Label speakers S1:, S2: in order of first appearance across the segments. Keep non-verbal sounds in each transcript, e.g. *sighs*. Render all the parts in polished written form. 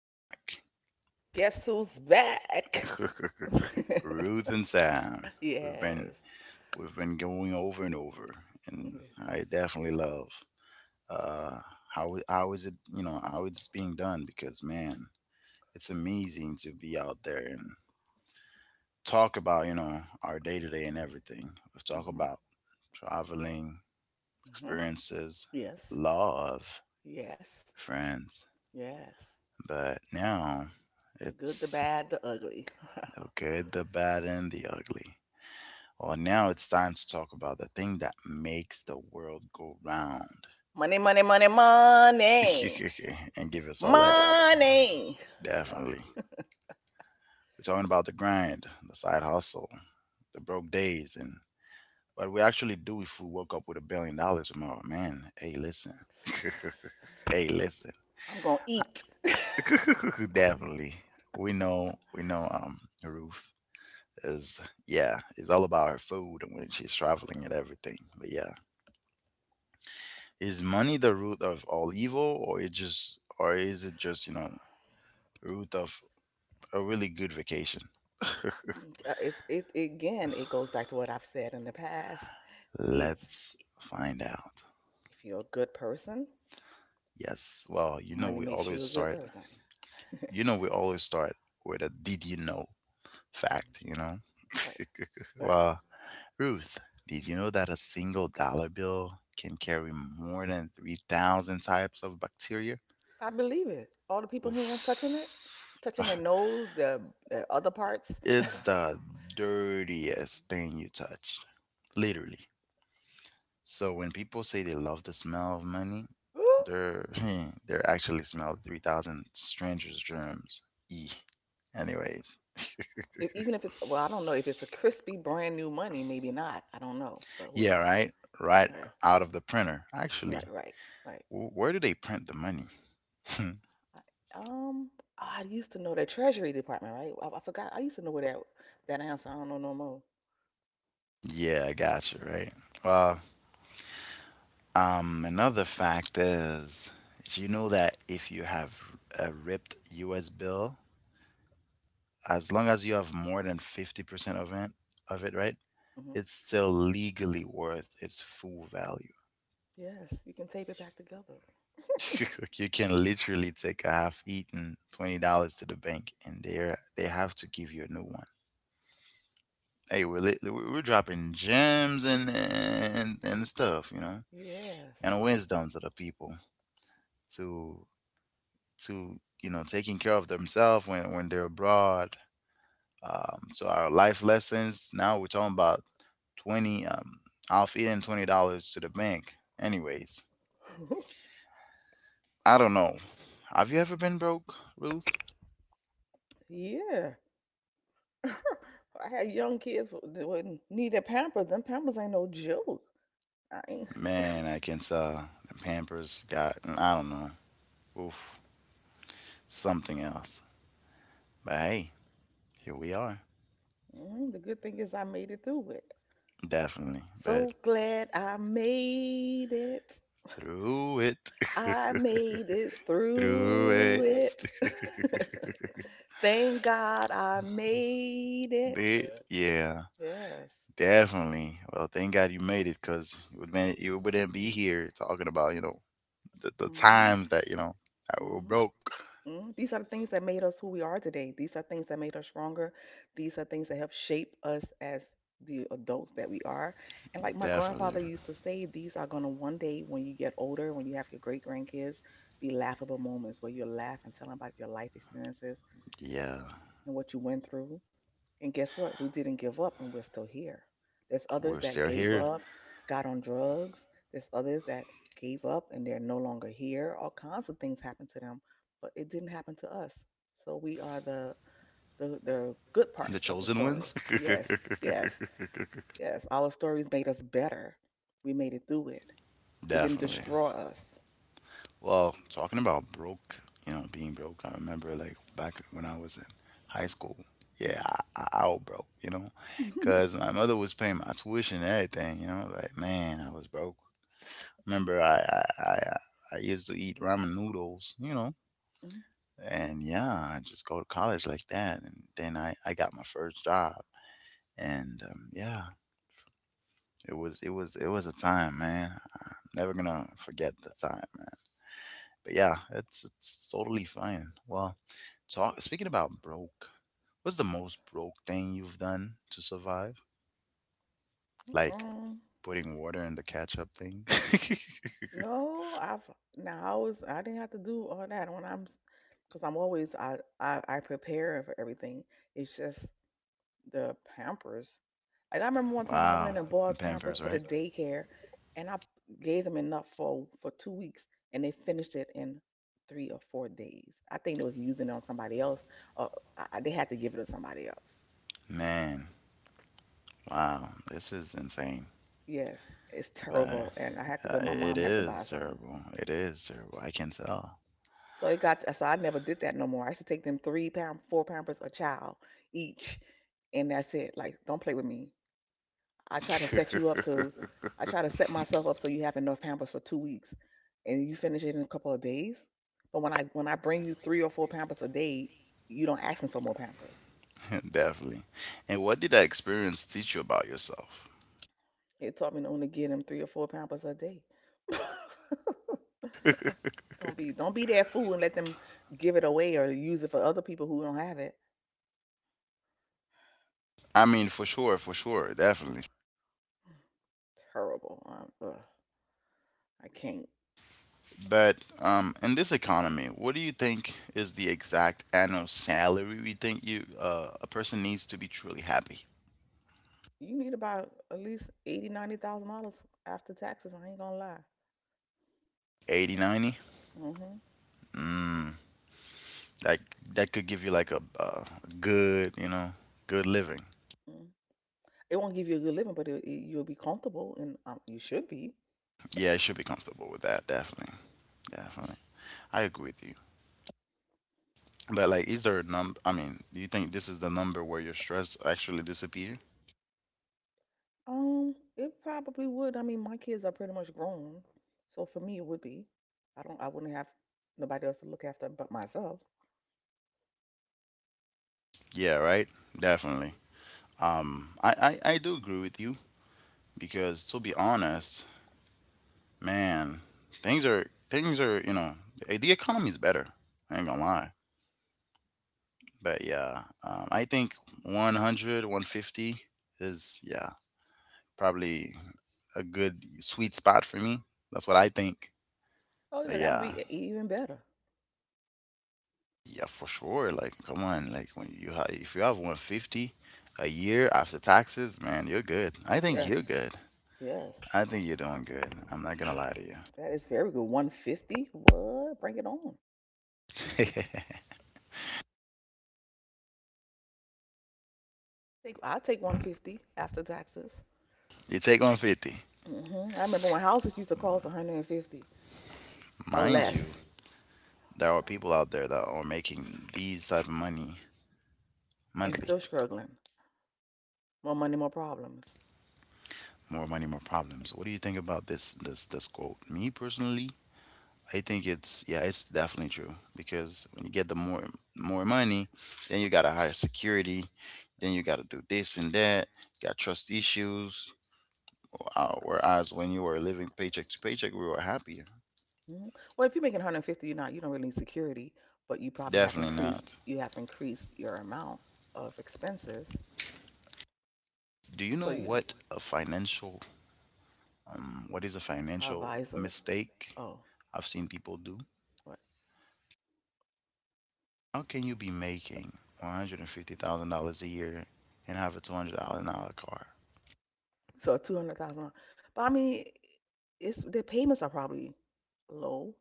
S1: back.
S2: Guess who's back? *laughs*
S1: *laughs* Ruth and Sam. We've been
S2: Yes.
S1: we've been going over and over, and I definitely love uh how is it, you know, how it's being done, because man, it's amazing to be out there and talk about, you know, our day to day and everything. We've talked
S2: Mm-hmm.
S1: about traveling,
S2: Hmm.
S1: experiences,
S2: Yes.
S1: love,
S2: Yes.
S1: friends.
S2: Yes.
S1: But now
S2: The good, the
S1: it's
S2: bad, the ugly. *laughs*
S1: the good, the bad, and the ugly. Well, now it's time to talk about the thing that makes the world go round
S2: Money, money, money, money.
S1: *laughs* and give us all headaches.
S2: Money.
S1: Definitely. We're talking about the grind, the side hustle, the broke days, and what we actually do if we woke up with $1 billion tomorrow. Man, hey, listen. *laughs* Hey, listen.
S2: I'm going to eat.
S1: *laughs* Definitely. We know, Ruth is, yeah, it's all about her food and when she's traveling and everything. But yeah. Is money the root of all evil, or is it just, you know, root of a really good vacation? *laughs*
S2: It, again, it goes back to what I've said in the past. It's
S1: Let's find out.
S2: if you're a good person,
S1: Yes, well, you know,
S2: money makes you a good person.
S1: we always start with a did you know
S2: Mhm.
S1: fact, you know.
S2: Right.
S1: *laughs*
S2: Right.
S1: Well, Ruth, did you know that a single dollar bill can carry more than 3,000 types of bacteria?
S2: I believe it. All the people
S1: Oof.
S2: hands touching it, touching their
S1: *laughs* *sighs*
S2: nose, their other parts.
S1: It's the dirtiest thing you touch, literally. So when people say they love the smell of money,
S2: Ooh.
S1: they're *laughs* they're actually smell 3,000 strangers' germs. E. Anyways, *laughs*
S2: If, even if it's, well, I don't know if it's a crispy brand new money, maybe not. I don't know, but who
S1: yeah,
S2: knows?
S1: right. Right
S2: Right,
S1: out of the printer.
S2: right,
S1: Actually,
S2: right, right.
S1: where do they print the money? *laughs*
S2: I, um, I used to know the Treasury Department, right? I forgot. I used to know where that answer. I don't know no more.
S1: Yeah, I gotcha. Right. Well, another fact is, did you know that if you have a ripped U.S. bill, as long as you have more than 50% of it, right,
S2: Hmm.
S1: it's still legally worth its full value.
S2: Yes, you can tape it back together.
S1: *laughs* You can literally take a half eaten $20 to the bank, and they have to give you a new one. Hey, we're lit- we're dropping gems and stuff, you know,
S2: Yes.
S1: and wisdom to the people, to to, you know, taking care of themselves when they're abroad. So our life lessons. Now we're talking about 20. I'll feed in $20 to the bank. Anyways,
S2: *laughs*
S1: I don't know. Have you ever been broke, Ruth?
S2: Yeah. *laughs* I had young kids that wouldn't need their pampers. Them pampers ain't no joke. I ain't.
S1: Man, I can tell. The Pampers got. I don't know. Oof, something else. But hey, here we are.
S2: Mhm. The good thing is I made it through it.
S1: Definitely. But
S2: So glad I made it.
S1: through it.
S2: I made it
S1: *laughs* Through
S2: through
S1: it.
S2: it. *laughs* Thank God I made
S1: *laughs*
S2: it.
S1: Bit. Yeah.
S2: Yes.
S1: Definitely. Well, thank God you made it, 'cause you would, man, you wouldn't be here talking about, you know, the
S2: Mhm.
S1: times that, you know, that we're broke.
S2: Mm, These are the things that made us who we are today. These are things that made us stronger. These are things that help shape us as the adults that we are. And like my
S1: Definitely.
S2: grandfather used to say, these are going to one day, when you get older, when you have your great grandkids, be laughable moments where you laugh and tell them about your life experiences
S1: Yeah,
S2: and what you went through. And guess what? We didn't give up and we're still here. There's
S1: we're
S2: others that
S1: still
S2: gave
S1: here,
S2: Up, got on drugs. There's others that gave up and they're no longer here. All kinds of things happen to them, but it didn't happen to us. So we are the good
S1: the
S2: parts of the
S1: chosen
S2: story.
S1: ones.
S2: Yes, yes, yes. Our stories made us better. We made it through it.
S1: *laughs*
S2: It didn't
S1: Definitely.
S2: destroy us.
S1: Well, talking about broke, you know, being broke. I remember like back when I was in high school. Yeah, I was broke, you know, 'cause my mother was paying my tuition and everything. You know, like, man, I was broke. Remember, I used to eat ramen noodles, you know, and yeah, I just go to college like that, and then I got my first job, and yeah, it was a time, man. I'm never gonna forget the time, man. But yeah, it's totally fine. Well, talk speaking about broke, what's the most broke thing you've done to survive? Like
S2: Hmm. *laughs*
S1: putting water in the ketchup thing.
S2: No, I've now I was I didn't have to do all that when I'm always I prepare for everything. It's just the Pampers. Like I remember one
S1: *laughs*
S2: time I went
S1: Wow,
S2: and bought
S1: and
S2: Pampers
S1: Pampers,
S2: for the
S1: right?
S2: daycare, and I gave them enough for 2 weeks, and they finished it in 3 or 4 days. I think they was using it on somebody else, or they had to give it to somebody else.
S1: Man, wow, this is insane.
S2: Yes, it's
S1: But
S2: terrible, and I had to go. My
S1: it
S2: mom had to buy
S1: is
S2: some.
S1: terrible. It is terrible. I can tell.
S2: So it got so I never did that no more. I used to take them three pound, four pampers a child each, and that's it. Like, don't play with me. I try to set you up to,
S1: *laughs*
S2: I try to set myself up so you have enough pampers for two weeks, and you finish it in a couple of days. But when I bring you three or four pampers a day, you don't ask me for more pampers.
S1: Definitely. And what did that experience teach you about yourself?
S2: It taught me to only give them three or four pampers a day. *laughs* Don't be that fool and let them give it away or use it for other people who don't have it.
S1: I mean, for sure, definitely.
S2: Terrible. I can't.
S1: But in this economy, what do you think is the exact annual salary we think you a person needs to be truly happy?
S2: You need about at least 80, $90,000 after taxes. I ain't gonna lie.
S1: 80, 90?
S2: Mhm.
S1: 90? Mm, that that could give you like a good, you know, good living.
S2: Mm. It won't give you a good living, but it, you'll be comfortable, and you should be.
S1: Yeah, you should be comfortable with that, definitely. Definitely. I agree with you. But, like, is there a number? I mean, do you think this is the number where your stress actually disappear?
S2: It probably would. I mean, my kids are pretty much grown, so for me, it would be. I don't. I wouldn't have nobody else to look after but myself.
S1: Yeah, right? Definitely. I do agree with you, because to be honest, man, things are, you know, the economy is better. I ain't gonna lie. But yeah, I think 100, 150 is, yeah, probably a good sweet spot for me. That's what I think.
S2: Oh
S1: But
S2: yeah, that would
S1: yeah,
S2: be even better.
S1: yeah, for sure. Like, come on. Like, when if you have 150 a year after taxes, man, you're good. I think
S2: Yes.
S1: you're good.
S2: Yes.
S1: I think you're doing good. I'm not gonna lie to you.
S2: That is very good. 150. What? Bring it on.
S1: *laughs*
S2: Take. I take 150 after taxes.
S1: You take 150.
S2: Mhm. I remember when houses used to cost 150. Or
S1: Mind
S2: less.
S1: you, there are people out there that are making these type of money
S2: And
S1: monthly.
S2: still struggling. More money, more problems.
S1: More money, more problems. What do you think about this quote? Me personally, I think it's, yeah, it's definitely true, because when you get the more more money, then you gotta hire security, then you gotta do this and that. You got trust issues. Whereas when you were living paycheck to paycheck, we were happier.
S2: Mhm. Well, if you're making 150, you're not you don't really need security, but you probably have
S1: Definitely not.
S2: increased your amount of expenses.
S1: Do you
S2: So
S1: know
S2: you
S1: what a financial What is a financial
S2: advisor.
S1: mistake
S2: Oh,
S1: I've seen people do?
S2: what?
S1: How can you be making $150,000 a year and have a $200,000 car?
S2: So 200,000. But I mean, it's the payments are probably low.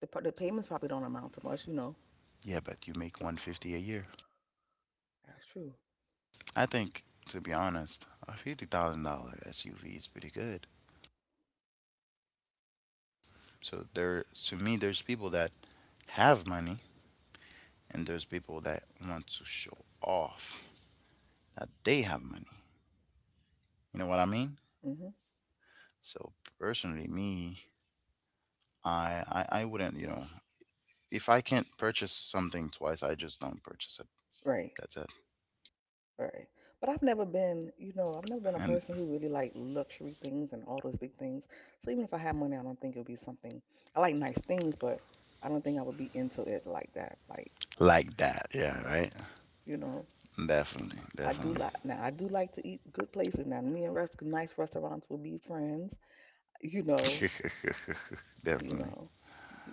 S2: The payments probably don't amount to much. You know,
S1: Yeah, but you make 150 a year.
S2: that's true.
S1: I think, to be honest, a $50,000 SUV is pretty good. So there, to me, there's people that have money, and there's people that want to show off that they have money. You know what I mean?
S2: Hmm.
S1: So personally, me, I, I wouldn't. You know, if I can't purchase something twice, I just don't purchase it.
S2: Right.
S1: That's it.
S2: Right. But I've never been, you know, I've never been a
S1: And
S2: person who really like luxury things and all those big things. So even if I had money, I don't think it would be something. I like nice things, but I don't think I would be into it like that. Like,
S1: like that, yeah, right?
S2: you know,
S1: Definitely,
S2: I do
S1: definitely,
S2: like now I do like to eat good places. Now me and rest nice restaurants will be friends. You know,
S1: *laughs*
S2: you
S1: definitely.
S2: know, you,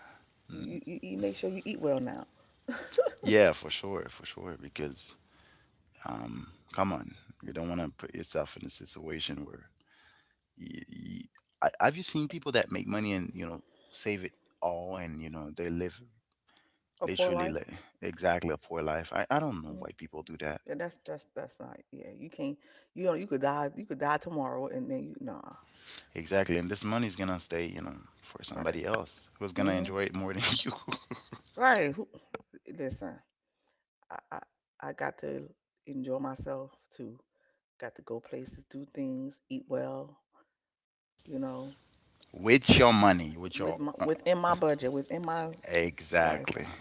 S2: you eat, make sure you eat well now.
S1: Yeah, for sure, for sure. Because come on, you don't want to put yourself in a situation where you, you, have you seen people that make money, and you know, save it all, and you know, they live
S2: A poor
S1: literally,
S2: life.
S1: like exactly, a poor life. I don't know
S2: Hmm.
S1: why people do that.
S2: Yeah, that's that's not. Yeah, you can't. You know, you could die. You could die tomorrow, and then you nah.
S1: Exactly, and this money is gonna stay, you know, for
S2: Right.
S1: somebody else who's gonna
S2: Hmm.
S1: enjoy it more than *laughs* you.
S2: Right. Who, listen, I, I I got to enjoy myself too. Got to go places, do things, eat well. You know,
S1: With your money with
S2: with
S1: your
S2: my within my budget, within my
S1: Exactly.
S2: lifestyle.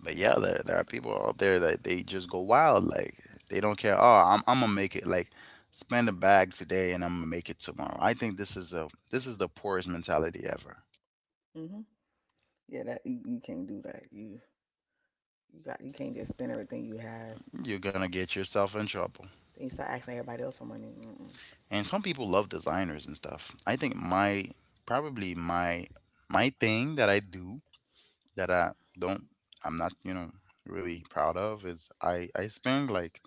S1: But yeah, there are people out there that they just go wild. Like they don't care. Oh, I'm gonna make it. Like spend a bag today, and I'm gonna make it tomorrow. I think this is the poorest mentality ever.
S2: Hmm. Yeah, that you can't do that. You can't just spend everything you have.
S1: You're gonna get yourself in trouble.
S2: Then you start asking everybody else for money. Mm-mm.
S1: And some people love designers and stuff. I think my probably my thing that I do, that I don't, I'm not, you know, really proud of, is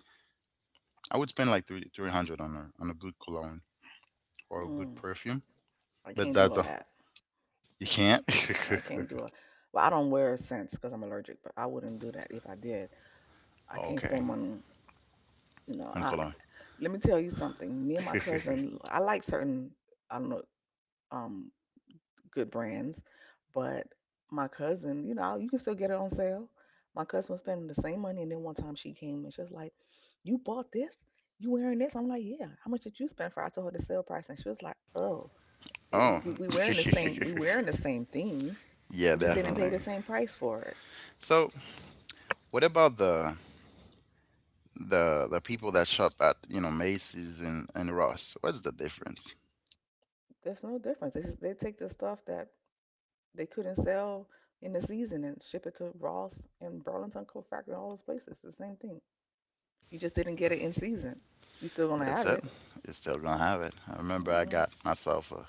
S1: I would spend like three hundred on a good cologne or a good
S2: Mm,
S1: perfume.
S2: I
S1: But
S2: can't do
S1: that's
S2: all
S1: the.
S2: that.
S1: You can't?
S2: I can't do it. Well, I don't wear scents because I'm allergic, but I wouldn't do that if I did. I can't
S1: *laughs* Okay.
S2: spend money. You know, I
S1: Uncle on.
S2: let me tell you something. Me and my
S1: *laughs*
S2: cousin, I like certain, I don't know, um, good brands, but my cousin, you know, you can still get it on sale. My cousin was spending the same money, and then one time she came and she was like, "You bought this? You wearing this?" I'm like, "Yeah." How much did you spend for? I told her the sale price, and she was like, "Oh, it,
S1: Oh.
S2: we wearing the same, we
S1: *laughs*
S2: wearing the same thing.
S1: Yeah,
S2: We just didn't pay
S1: definitely.
S2: the same price for it.
S1: So, what about the people that shop at, you know, Macy's and Ross? What's the difference?
S2: There's no difference. They just, they take the stuff that they couldn't sell in the season and ship it to Ross and Burlington Coat Factory and all those places. It's the same thing. You just didn't get it in season. You still gonna
S1: That's
S2: have
S1: it.
S2: it.
S1: You're still gonna have it. I remember I
S2: Mm.
S1: got myself a,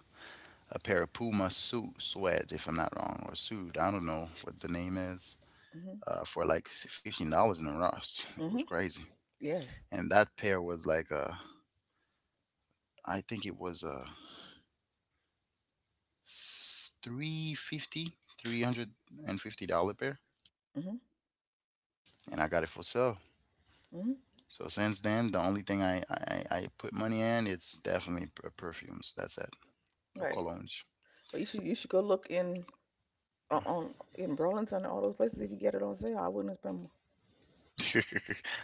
S1: a pair of Puma suit sweat, if I'm not wrong, or suit. I don't know what the name is.
S2: Mhm.
S1: For like $15 in a Ross.
S2: Mhm.
S1: It was
S2: Mhm.
S1: crazy.
S2: Yes.
S1: And that pair was like a I think it was a $350 pair,
S2: Mhm.
S1: and I got it for sale.
S2: Mhm.
S1: So since then the only thing I put money in, it's definitely perfumes. That's it. Or
S2: Right.
S1: colognes.
S2: But you should go look in on in Burlington and all those places if you get it on sale. I wouldn't spend more.
S1: *laughs*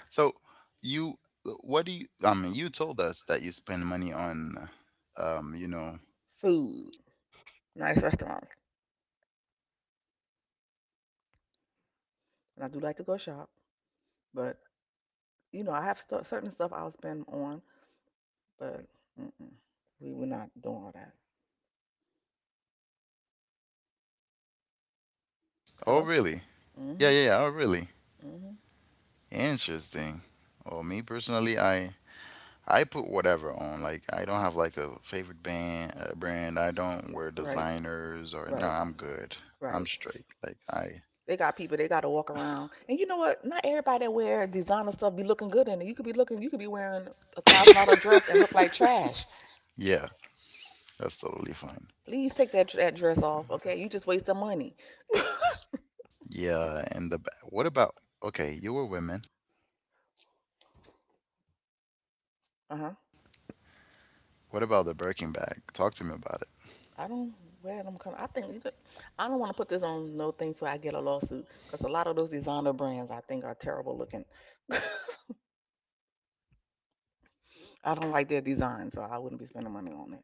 S1: So, you what do you, I mean, you told us that you spend money on um you know
S2: Food, nice restaurants, and I do like to go shop. But you know, I have stu certain stuff I'll spend on, but mm-mm, we we're not doing all that.
S1: oh
S2: Hello.
S1: really? Yeah,
S2: Mm-hmm.
S1: yeah, yeah. Oh really?
S2: Mm. Mhm.
S1: Interesting. Well, me personally, I put whatever on. Like, I don't have like a favorite band brand. I don't wear
S2: Right.
S1: designers or no.
S2: Right,
S1: I'm good. I'm
S2: right.
S1: straight. Like I
S2: They got people. They got to walk around, and you know what? Not everybody that wear designer stuff be looking good in it. You could be looking, you could be wearing $1,000 dress and look like trash.
S1: Yeah, that's totally fine.
S2: Please take that dress off, okay? You just waste the money.
S1: Yeah, and what about, okay? You were women.
S2: Uh huh.
S1: What about the Birkin bag? Talk to me about
S2: I don't wear them kind. Of, I think you don't, I don't want to put this on no thing for I get a lawsuit because a lot of those designer brands I think are terrible looking. *laughs* I don't like their design, so I wouldn't be spending money on it.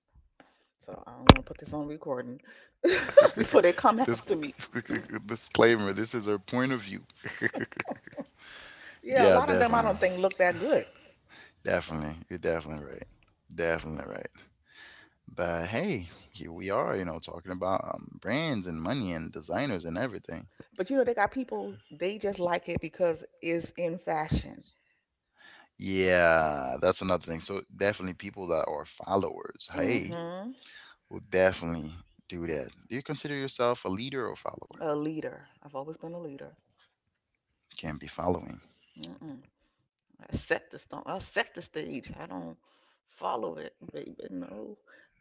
S2: So I don't want to put this on recording *laughs* before
S1: it.
S2: they come
S1: *laughs* This
S2: after me.
S1: *laughs* disclaimer. This is her point of view. *laughs*
S2: Yeah, a
S1: Yeah,
S2: lot of them I
S1: definitely,
S2: don't think look that good.
S1: definitely. You're definitely right. Definitely right. But hey, here we are. You know, talking about brands and money and designers and everything.
S2: But you know, they got people, they just like it because it's in fashion.
S1: Yeah, that's another thing. So definitely people that are followers, hey,
S2: Mm-hmm.
S1: will definitely do that. Do you consider yourself a leader or follower?
S2: A leader. I've always been a leader.
S1: Can't be following.
S2: Mm-mm. I set the stone. I set the stage. I don't follow it, baby. No.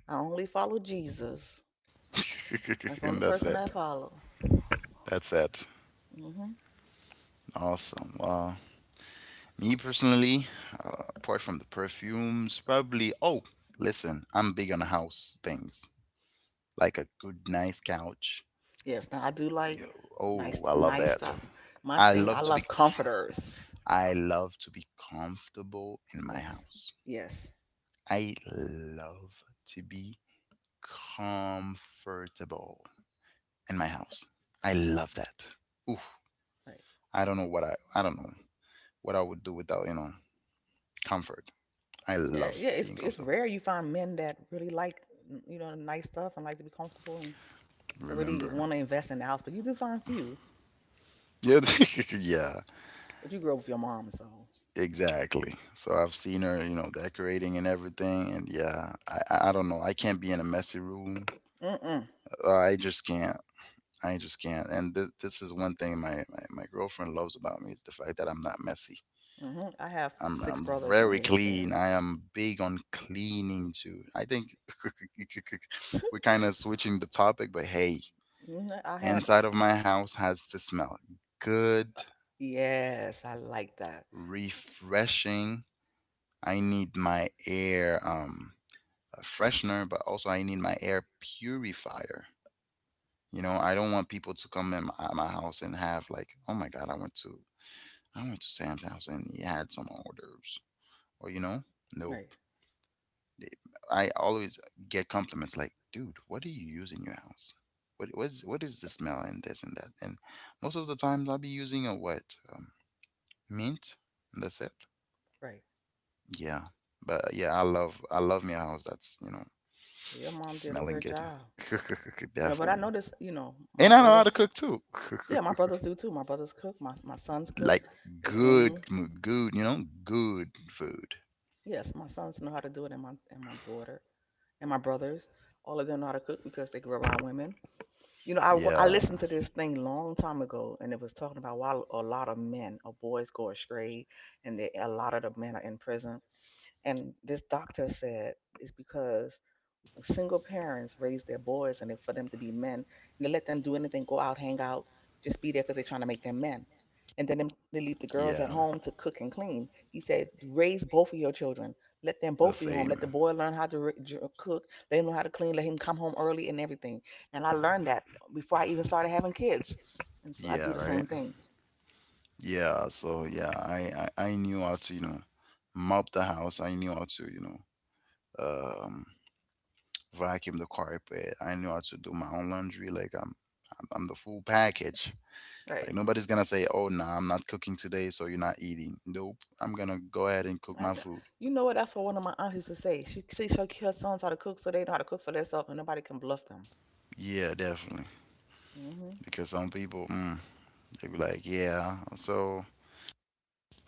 S2: I only follow Jesus. That's
S1: *laughs*
S2: the only
S1: And that's
S2: person I
S1: it.
S2: follow.
S1: That's it.
S2: Mm-hmm.
S1: Awesome. Well, me personally, apart from the perfumes, probably, oh, listen, I'm big on house things, like a good, nice couch.
S2: Yes, now I do like
S1: Yo,
S2: nice
S1: oh, I love
S2: nice
S1: that.
S2: stuff. My
S1: I
S2: thing, I
S1: love to be,
S2: love
S1: com-
S2: comforters.
S1: I love to be comfortable in my
S2: Yes.
S1: house.
S2: Yes.
S1: I love to be comfortable in my house. I love that. Oof.
S2: Right.
S1: I don't know what I would do without, you know, comfort. I
S2: Yeah, yeah,
S1: love
S2: it's
S1: being
S2: it's
S1: comfortable.
S2: rare you find men that really like you know nice stuff and like to be comfortable and or really
S1: Remember.
S2: want to invest in the house, but you do find few.
S1: Yeah, *laughs* yeah,
S2: But you grew up with your mom, so
S1: exactly. So I've seen her, you know, decorating and everything, and yeah, I don't know. I can't be in a messy room.
S2: mm
S1: I just can't. I just can't. And this is one thing my girlfriend loves about me is the fact that I'm not messy.
S2: mm. I have
S1: I'm
S2: six
S1: I'm
S2: brothers and
S1: very
S2: they're
S1: clean.
S2: very.
S1: I am big on cleaning too. I think *laughs* we're kind of switching the topic, but hey,
S2: Mhm, I had
S1: inside of my house has to smell
S2: uh,
S1: good,
S2: yes, I like that.
S1: refreshing. I need my air, a freshener, but also I need my air purifier. You know, I don't want people to come in my house and have like, oh my god, I went to Sam's house and he had some odors, or nope.
S2: Right,
S1: I always get compliments like, "Dude, what do you use in your house? What is the smell and this and that?" And most of the times, I'll be using a what mint, and that's it.
S2: right.
S1: Yeah, but yeah, I love my house. *laughs*
S2: Your mom did a
S1: Smelling
S2: good
S1: good,
S2: job.
S1: *laughs*
S2: You know, but I
S1: definitely.
S2: noticed, you know, my
S1: And I know how
S2: brothers.
S1: to cook too,
S2: Yeah, my
S1: *laughs*
S2: brothers do too. My brothers cook. My sons cook.
S1: like
S2: They
S1: good,
S2: clean.
S1: m- good, you know, good food.
S2: Yes, my sons know how to do it, and my daughter. And my brothers. All of them know how to cook because they grew up around women. You know, I
S1: Yeah,
S2: listened to this thing long time ago, and it was talking about why a lot of men or boys go astray, and they, a lot of the men are in prison. And this doctor said it's because single parents raise their boys and for them to be men, and they let them do anything, go out, hang out, just be there because they're trying to make them men. And then they leave the girls at
S1: yeah,
S2: home to cook and clean. He said, raise both of your children. Let them
S1: the
S2: both be home. Let the
S1: same.
S2: boy learn how to cook. Let him know how to clean. Let him come home early and everything. And I learned that before I even started having kids. And so I do
S1: Yeah,
S2: the same
S1: right.
S2: thing.
S1: Yeah, so yeah, I knew how to mop the house. I knew how to um, vacuum the carpet. I knew how to do my own laundry. Like I'm the full package.
S2: Right.
S1: Like nobody's gonna say, "Oh, nah, I'm not cooking today, so you're not eating." Nope, I'm gonna go ahead and cook
S2: I
S1: my food.
S2: You know what? That's what one of my aunts used to say. She her sons how to cook so they know how to cook for themselves and nobody can bluff them.
S1: Yeah, definitely.
S2: Hmm.
S1: Because some people, they be like, "Yeah, so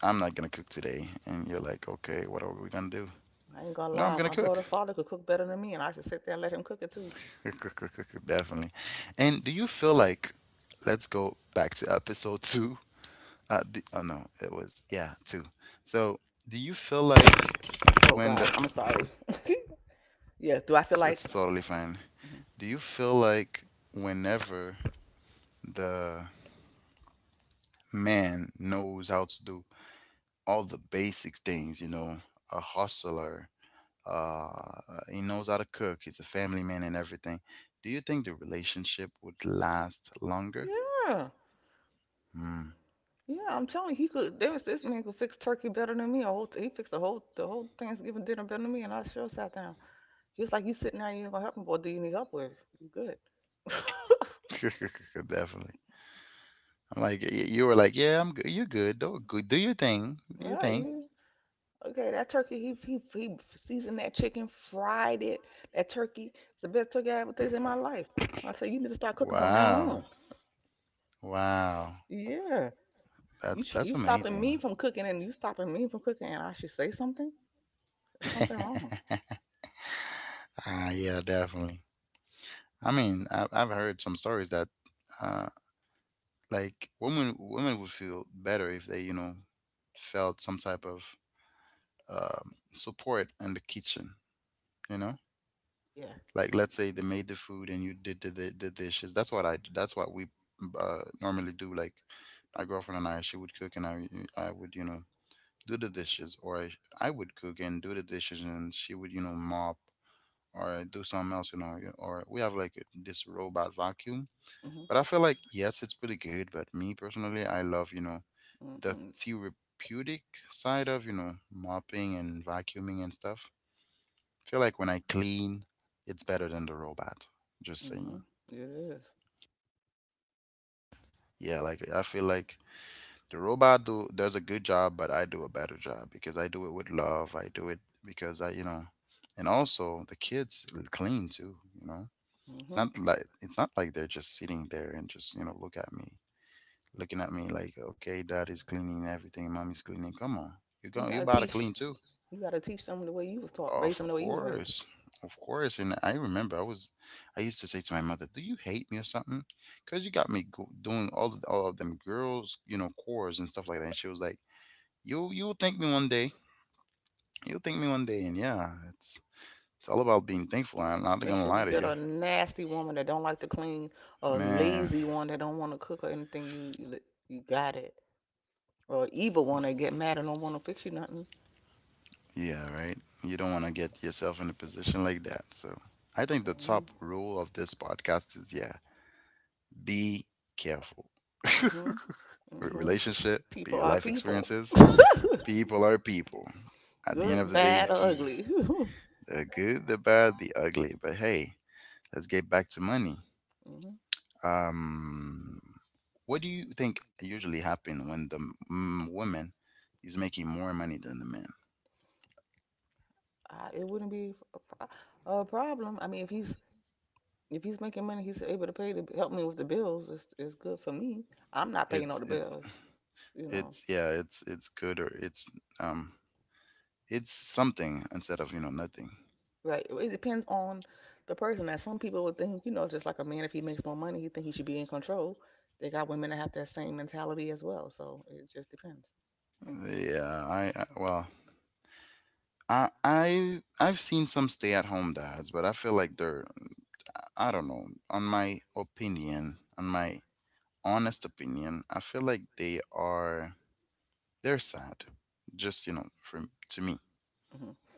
S1: I'm not gonna cook today," and you're like, "Okay, what are we gonna do?"
S2: I ain't gonna
S1: No, I'm
S2: lie,
S1: gonna
S2: my
S1: cook.
S2: daughter's father could cook better than me, and I should sit there and let him cook it too.
S1: *laughs* Definitely. And do you feel like, let's go back to episode two. The, oh no, it was yeah two. So do you feel like
S2: Oh
S1: when the
S2: God, I'm sorry. *laughs* Yeah, do I feel like?
S1: it's totally fine.
S2: Mhm.
S1: Do you feel like whenever the man knows how to do all the basic things, you know, a hustler, uh, he knows how to cook, he's a family man and everything. Do you think the relationship would last longer?
S2: Yeah,
S1: Mm.
S2: yeah, I'm telling you, he could. There was this man could fix turkey better than me. A whole, he fixed the whole Thanksgiving dinner better than me, and I sure sat down. He was like, "You sitting there, you ain't gonna help me. What do you need help with? You good?" *laughs*
S1: *laughs* Definitely. I'm like, you were like, yeah, I'm good. You're good. Do, good. Do your thing. Do your
S2: Right?
S1: thing.
S2: You okay? That turkey, he seasoned that chicken, fried it. That turkey, it's the best turkey I ever tasted in my life. I said, you need to start cooking from now
S1: Wow.
S2: on.
S1: Wow.
S2: Yeah. You you
S1: That's
S2: stopping me
S1: amazing.
S2: from cooking, and you stopping me from cooking, and I should say something. There's something wrong.
S1: *laughs* Ah, yeah, definitely. I mean, I've heard some stories that, uh, like women would feel better if they, you know, felt some type of support in the kitchen. You know.
S2: Yeah.
S1: Like let's say they made the food and you did the dishes. That's what we normally do. Like my girlfriend and I, she would cook and I would do the dishes, or I would cook and do the dishes and she would mop or do something else. You know, or we have like this robot vacuum.
S2: Mhm.
S1: But I feel like yes, it's pretty good. But me personally, I love the
S2: Mhm.
S1: therapeutic side of mopping and vacuuming and stuff feel like when I clean, it's better than the robot. Just saying.
S2: Mhm. It is.
S1: Yeah, like I feel like the robot do does a good job, but I do a better job because I do it with love. I do it because I, you know, and also the kids clean too. You know,
S2: Mhm.
S1: it's not like they're just sitting there and just looking at me like, okay, dad is cleaning everything, mommy's cleaning. Come on,
S2: You
S1: you
S2: gotta
S1: about to
S2: teach.
S1: clean too.
S2: You gotta teach them the way you was taught. Raise
S1: Of
S2: them the way you was raised.
S1: course. Of course. And I remember I used to say to my mother, "Do you hate me or something?" Cuz you got me doing all of them girls, you know, chores and stuff like that. And she was like, "You you'll thank me one day. You'll thank me one day." And yeah, it's all about being thankful. I'm not going to
S2: Especially if you
S1: lie to
S2: get
S1: you.
S2: a nasty woman that don't like to clean, a
S1: Man.
S2: lazy one that don't want to cook or anything. You got it. Or an evil one that get mad and don't want to fix you nothing.
S1: Yeah, right. You don't want to get yourself in a position like that. So, I think the
S2: Mhm.
S1: top rule of this podcast is yeah, be careful. *laughs* Re-
S2: Mhm. Mhm.
S1: Relationship, be
S2: People
S1: your
S2: are
S1: life
S2: people.
S1: experiences
S2: *laughs*
S1: people are people. At the end of
S2: Good, *laughs*
S1: the day,
S2: bad, or
S1: people,
S2: ugly. *laughs* Hmm.
S1: the good, the bad, the ugly. But hey, let's get back to money. Um, what do you think usually happen when the woman is making more money than the man?
S2: It wouldn't be a, a problem. I mean, if he's making money, he's able to pay to help me with the bills. It's good for me. I'm not paying all
S1: It's
S2: the
S1: it
S2: bills, you know.
S1: it's yeah, it's good or um it's something instead of nothing.
S2: Right. It depends on the person. That some people would think, you know, just like a man, if he makes more money, he think he should be in control. They got women that have that same mentality as well. So it just depends.
S1: Yeah, I well I I've seen some stay-at-home dads, but I feel like they're I don't know. On my opinion, on my honest opinion, I feel like they're sad. Just you know, from to me
S2: Hmm.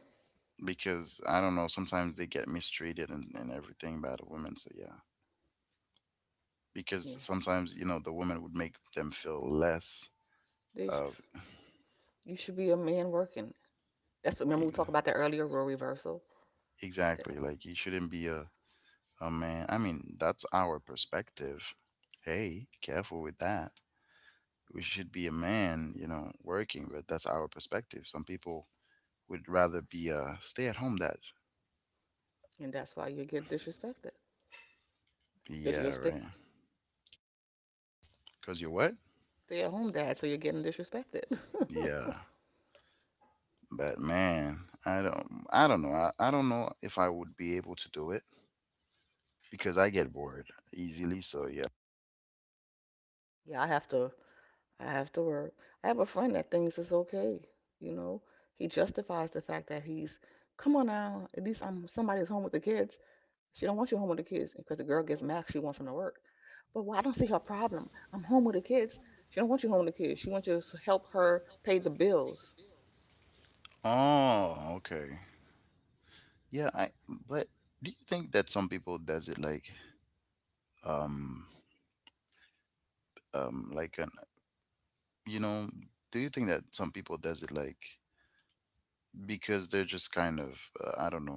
S1: because I don't know. Sometimes they get mistreated and everything by the women. So yeah,
S2: Yeah.
S1: because sometimes you know the women would make them feel less
S2: They sh-
S1: of
S2: you should be a man working. That's what. Remember we talked
S1: ex-
S2: about that earlier, role reversal.
S1: exactly
S2: That-
S1: like you shouldn't be a man. I mean that's our perspective. Hey, careful with that. We should be a man, you know, working, but that's our perspective. Some people would rather be a stay at home dad.
S2: And that's why you get disrespected. Because you'll
S1: Yeah,
S2: stay
S1: right. Cause you're what?
S2: stay at home dad, so you're getting disrespected.
S1: Yeah. But man, I don't know. I don't know if I would be able to do it because I get bored easily, so yeah.
S2: *laughs* Yeah, I have to work. I have a friend that thinks it's okay, you know. He justifies the fact that he's come on now, at least I'm somebody's home with the kids. She don't want you home with the kids because the girl gets mad, she wants him to work. But well, I don't see her problem. I'm home with the kids. She don't want you home with the kids. She wants you to help her pay the bills.
S1: Oh, okay. Yeah, I but do you think that some people does it like um um like an you know, do you think that some people does it like because they're just kind of I don't know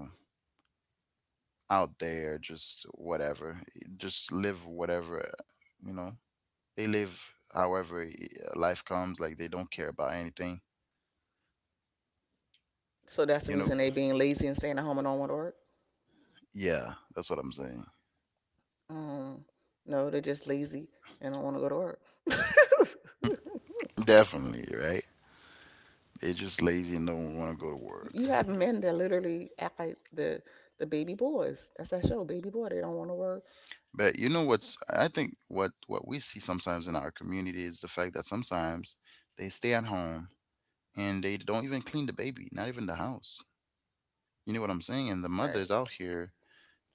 S1: out there, just whatever, just live whatever, you know. They live however life comes, like they don't care about anything,
S2: So that's
S1: you
S2: the
S1: know.
S2: reason they being lazy and staying at home and don't want to work.
S1: Yeah, that's what I'm saying.
S2: Um, no, they're just lazy and don't want to go to work. *laughs*
S1: Definitely, right? They're just lazy and don't want to go to work.
S2: You have men that literally act like the baby boys. That's that show, Baby Boy. They don't want to work.
S1: But you know what's? I think what we see sometimes in our community is the fact that sometimes they stay at home and they don't even clean the baby, not even the house. You know what I'm saying? And the
S2: Right.
S1: mothers out here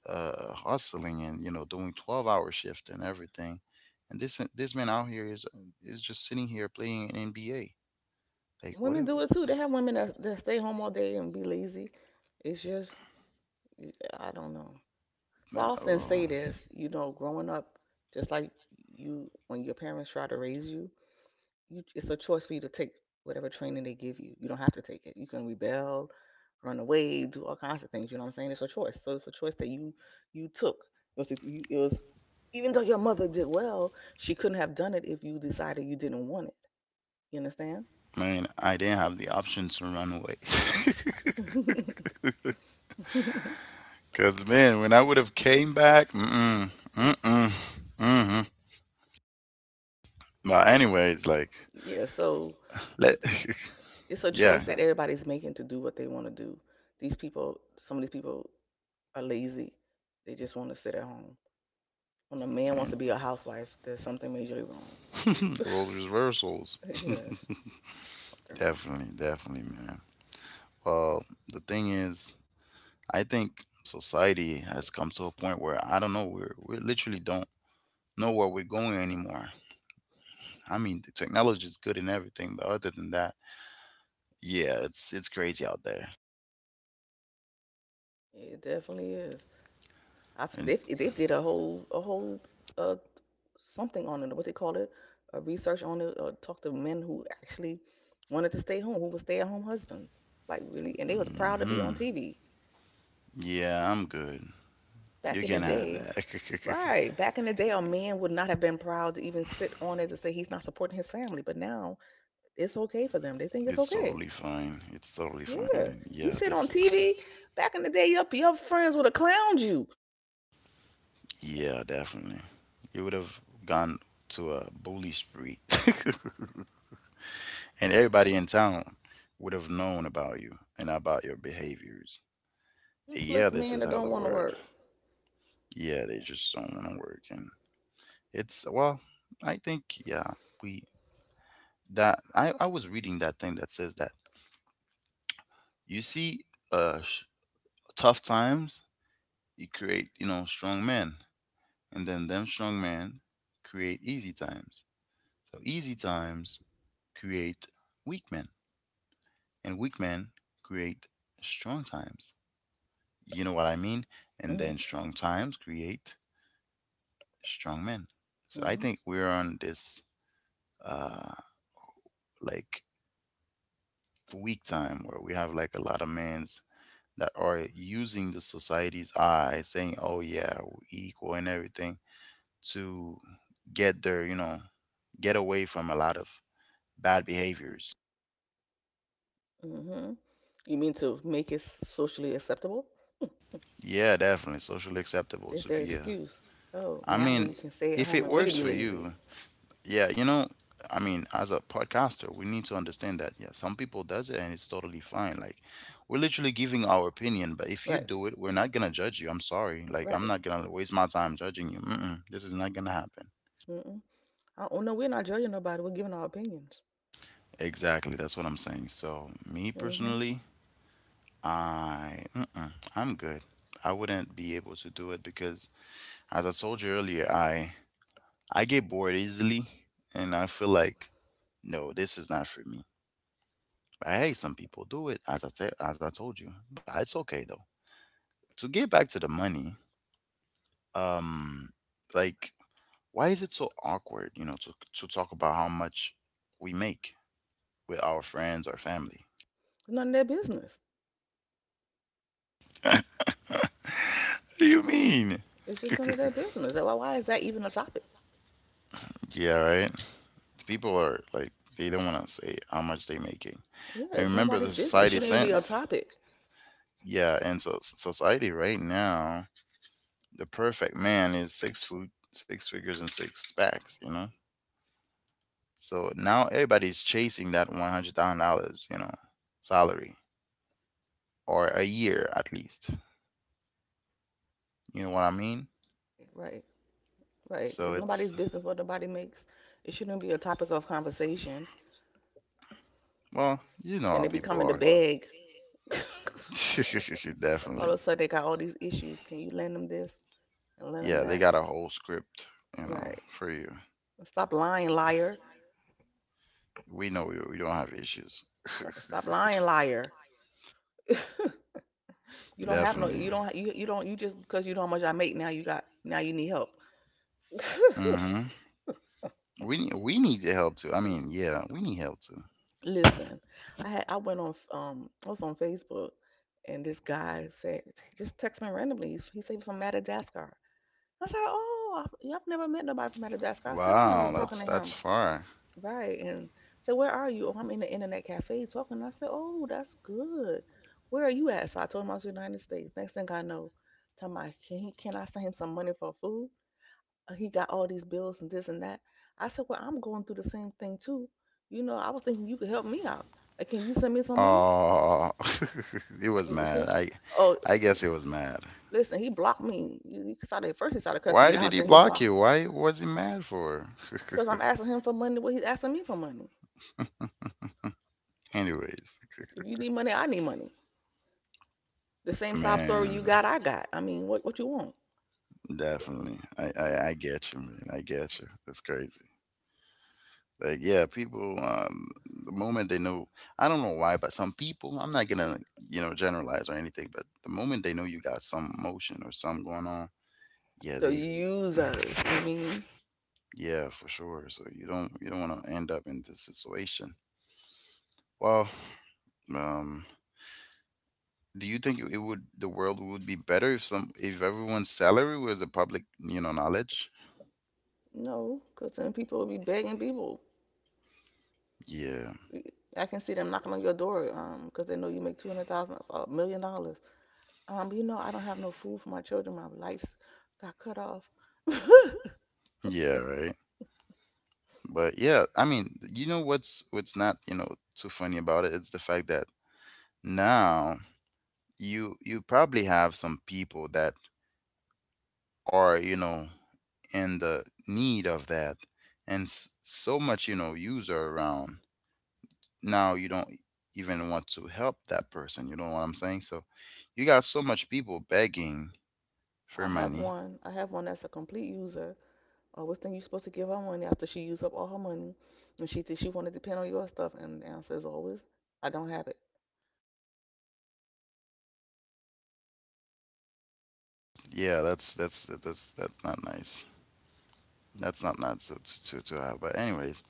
S1: hustling and you know doing 12-hour shift and everything and this man out here is just sitting here playing nba like
S2: Women do it too. They have women that stay home all day and be lazy. It's just I don't know. So I
S1: uh,
S2: often
S1: oh,
S2: say this, you know, growing up, just like you when your parents try to raise you, it's a choice for you to take whatever training they give you. You don't have to take it. You can rebel, run away, do all kinds of things. You know what I'm saying? It's a choice. So it's a choice that you took. It was, it was, even though your mother did well, she couldn't have done it if you decided you didn't want it. You understand?
S1: man, I didn't have the option to run away *laughs*
S2: *laughs*
S1: because man when I would have came back mm-mm, mm-hmm. but anyways like
S2: Yeah. So
S1: let,
S2: it's
S1: *laughs*
S2: a choice
S1: yeah
S2: that everybody's making to do what they want to do. These people, some of these people are lazy. They just want to sit at home. When a man wants
S1: and
S2: to be a housewife, there's something majorly wrong.
S1: *laughs*
S2: *laughs*
S1: roles reversals
S2: Yes,
S1: *laughs*
S2: something wrong.
S1: definitely definitely man well the thing is I think society has come to a point where I don't know, we literally don't know where we're going anymore. I mean, the technology is good and everything, but other than that, yeah, it's crazy out there.
S2: It definitely is. They
S1: And
S2: they did a whole uh something on it. What they call it, a research on it. Talked to men who actually wanted to stay home, who were stay at home husbands. Like really, and they was proud to be on
S1: hmm
S2: TV
S1: yeah, I'm good.
S2: back
S1: You
S2: in the
S1: can have
S2: day.
S1: that. *laughs*
S2: Right, back in the day, a man would not have been proud to even sit on it to say he's not supporting his family. But now it's okay for them. They think it's
S1: It's
S2: okay.
S1: totally fine. It's totally fine.
S2: Yeah,
S1: And
S2: you
S1: yeah,
S2: sit
S1: this
S2: on
S1: is
S2: TV. Back in the day, your friends would have clowned you.
S1: yeah, definitely. You would have gone to a bully spree, *laughs* and everybody in town would have known about you and about your behaviors. Yeah,
S2: Useless
S1: this
S2: men
S1: is
S2: that
S1: how
S2: don't
S1: they
S2: want to
S1: word.
S2: work.
S1: Yeah, they just don't want to work. And it's, well, I think, yeah, we, I was reading that thing that says that you see, uh, sh- tough times, you create, you know, strong men. And then them strong men create easy times. So easy times create weak men. And weak men create strong times. You know what I mean? And
S2: Hmm.
S1: then strong times create strong men. So I
S2: Hmm.
S1: think we're on this uh, like weak time where we have like a lot of men's that are using the society's eye saying oh yeah we're equal and everything to get their you know get away from a lot of bad behaviors
S2: Hmm. You mean to make it socially acceptable?
S1: yeah definitely socially acceptable
S2: It's
S1: to
S2: their
S1: be a
S2: excuse. Oh,
S1: I
S2: now we
S1: mean
S2: can stay at
S1: if
S2: home
S1: it
S2: and really
S1: works
S2: be
S1: for
S2: lazy.
S1: you. Yeah, you know, I mean, as a podcaster, we need to understand that yeah, some people does it and it's totally fine. Like we're literally giving our opinion, but if you
S2: Right.
S1: do it, we're not gonna judge you. I'm sorry. Like I'm
S2: Right.
S1: not gonna waste my time judging you. Mm-mm, this is not gonna happen.
S2: Mm-mm. I, oh no, we're not judging nobody. We're giving our opinions.
S1: Exactly, that's what I'm saying. So me
S2: Mm hmm
S1: personally, I mm-mm, I'm good. I wouldn't be able to do it because, as I told you earlier, I get bored easily, and I feel like no, this is not for me. But Hey, some people do it, as I said, as I told you. But it's okay though. To get back to the money, um, like why is it so awkward, you know, to talk about how much we make with our friends or family?
S2: None of their business.
S1: What do you mean?
S2: It's
S1: *laughs*
S2: just none of their business. Why is that even a topic?
S1: Yeah, right. People are like they don't want to say how much they making.
S2: Yeah,
S1: And
S2: it's
S1: remember
S2: nobody's
S1: the
S2: business. It
S1: society
S2: shouldn't even be a
S1: sense.
S2: topic.
S1: Yeah, and society right now, the perfect man is six foot, six figures, and six packs. So now everybody's chasing that $100,000, salary or a year at least. You know what I mean?
S2: Right. Right.
S1: So
S2: It's
S1: it's
S2: nobody's business what nobody makes. It shouldn't be a topic of conversation.
S1: Well, you know
S2: Then
S1: how
S2: they be No,
S1: people
S2: coming to
S1: are.
S2: beg.
S1: *laughs*
S2: *laughs*
S1: Definitely,
S2: All of a sudden they got all these issues. Can you lend them this and lend them
S1: yeah,
S2: Yeah,
S1: they
S2: that?
S1: got a whole script,
S2: Right.
S1: for you.
S2: Stop lying, liar.
S1: We know we don't have issues.
S2: Right. Stop lying, liar. *laughs*
S1: *laughs*
S2: You don't have no.
S1: Definitely.
S2: You don't. You don't. You just because you know how much I make now. You got now. You need help. *laughs*
S1: Mm-hmm. We need the help too. I mean, yeah, we need help too.
S2: Listen, I went on I was on Facebook and this guy said just text me randomly. He said he was from Madagascar. I was like, oh, I've, yeah, I've never met nobody from Madagascar. I said, oh, I was
S1: Wow,
S2: just talking
S1: that's
S2: to
S1: that's
S2: him.
S1: far.
S2: Right. And said, where are you? Oh, I'm in the internet cafe talking. I said, oh, that's good. Where are you at? So I told him I was in the United States. Next thing I know, talking about, he, can I send him some money for food? He got all these bills and this and that. I said, well, I'm going through the same thing too. You know, I was thinking you could help me out. Like, can you send me some money?
S1: Oh, *laughs* it was
S2: W- so-
S1: mad. I
S2: Oh,
S1: I guess it was mad.
S2: listen, he blocked me. He started, first he started cussing me
S1: Why did
S2: out,
S1: he
S2: then he
S1: block
S2: blocked.
S1: you? Why was he mad for?
S2: Because I'm
S1: *laughs*
S2: asking him for money. Well, he's asking me for money.
S1: Anyways,
S2: If you need money, I need money. The same
S1: *laughs*
S2: sob story
S1: man,
S2: you got. I mean, what you want?
S1: definitely. I get you, man. I get you. That's crazy. Like, yeah, people, the moment they know, I don't know why, but some people, I'm not gonna, generalize or anything, but the moment they know you got some emotion or something going on, yeah,
S2: The
S1: they, *sighs*
S2: users. I mean,
S1: yeah, for sure. So you don't want to end up in this situation. Well, um, do you think it would the world would be better if everyone's salary was a public knowledge?
S2: no, because then people will be begging people.
S1: Yeah,
S2: I can see them knocking on your door because they know you make 200,000, dollars, $1 million. You know, I don't have no food for my children. My lights got cut off. *laughs* I
S1: yeah, right. But yeah, I mean, what's not too funny about it. It's the fact that now you probably have some people that are in the need of that, and so much user around. Now you don't even want to help that person. You know what I'm saying? So you got so much people begging for
S2: have
S1: money.
S2: one. I have one that's a complete user. Oh, what's thing you supposed to give her money after she used up all her money? And she said she want to depend on your stuff. And the answer is always, I don't have it.
S1: Yeah, that's not nice. That's not nice to have. But anyways,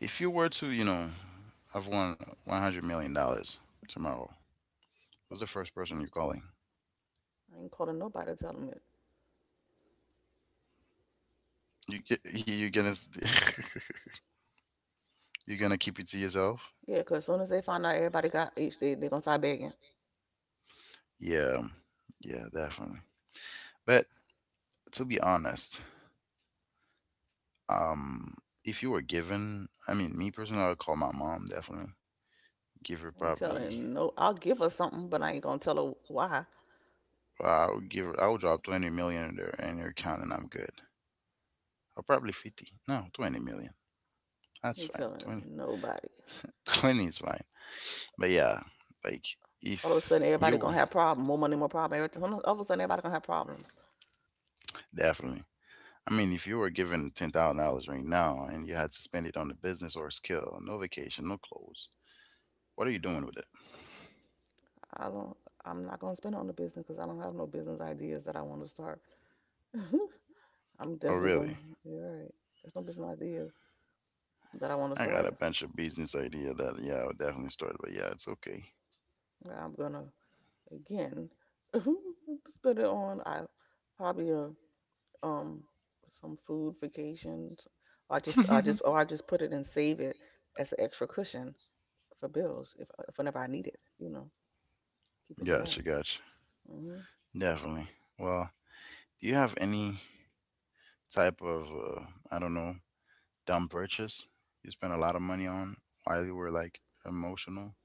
S1: if you were to, have won $100 million tomorrow, who's the first person you're calling?
S2: I ain't calling nobody to tell them it.
S1: You get *laughs* *laughs* You gonna keep it to yourself?
S2: Yeah, 'cause as soon as they find out everybody got each, they going to start begging.
S1: Yeah, yeah, definitely. But to be honest, um, if you were given, I mean, me personally, I would call my mom definitely. Give her
S2: I ain't
S1: probably,
S2: telling no, I'll give her something, but I ain't going to tell her why.
S1: I would give her, I would drop 20 million in there in your account, and I'm good. Or probably 50. No, 20 million.
S2: I
S1: That's
S2: ain't
S1: fine.
S2: telling nobody.
S1: *laughs* 20 is fine. But yeah, like,
S2: All of a
S1: if
S2: sudden, everybody
S1: you were-
S2: going to have problem. More money, more problem. Everything. All of a sudden, everybody going to have problems.
S1: definitely. I mean, if you were given $10,000 right now and you had to spend it on a business or a skill, no vacation, no clothes, what are you doing with it?
S2: I don't, I'm not going to spend it on the business 'cause I don't have no business ideas that I want to start. *laughs* I'm
S1: Oh,
S2: definitely going
S1: really?
S2: to, you're right. There's no business ideas that I want to
S1: I got a
S2: start.
S1: bunch of business idea that yeah, I would definitely start. But yeah, it's okay.
S2: I'm gonna again *laughs* spend it on I probably um some food vacations. I just or I just put it and save it as an extra cushion for bills if whenever I need it, you know, keep it in the Yeah, bank.
S1: Gotcha, gotcha.
S2: Hmm.
S1: Definitely. Well, do you have any type of I don't know, dumb purchase you spent a lot of money on while you were like emotional?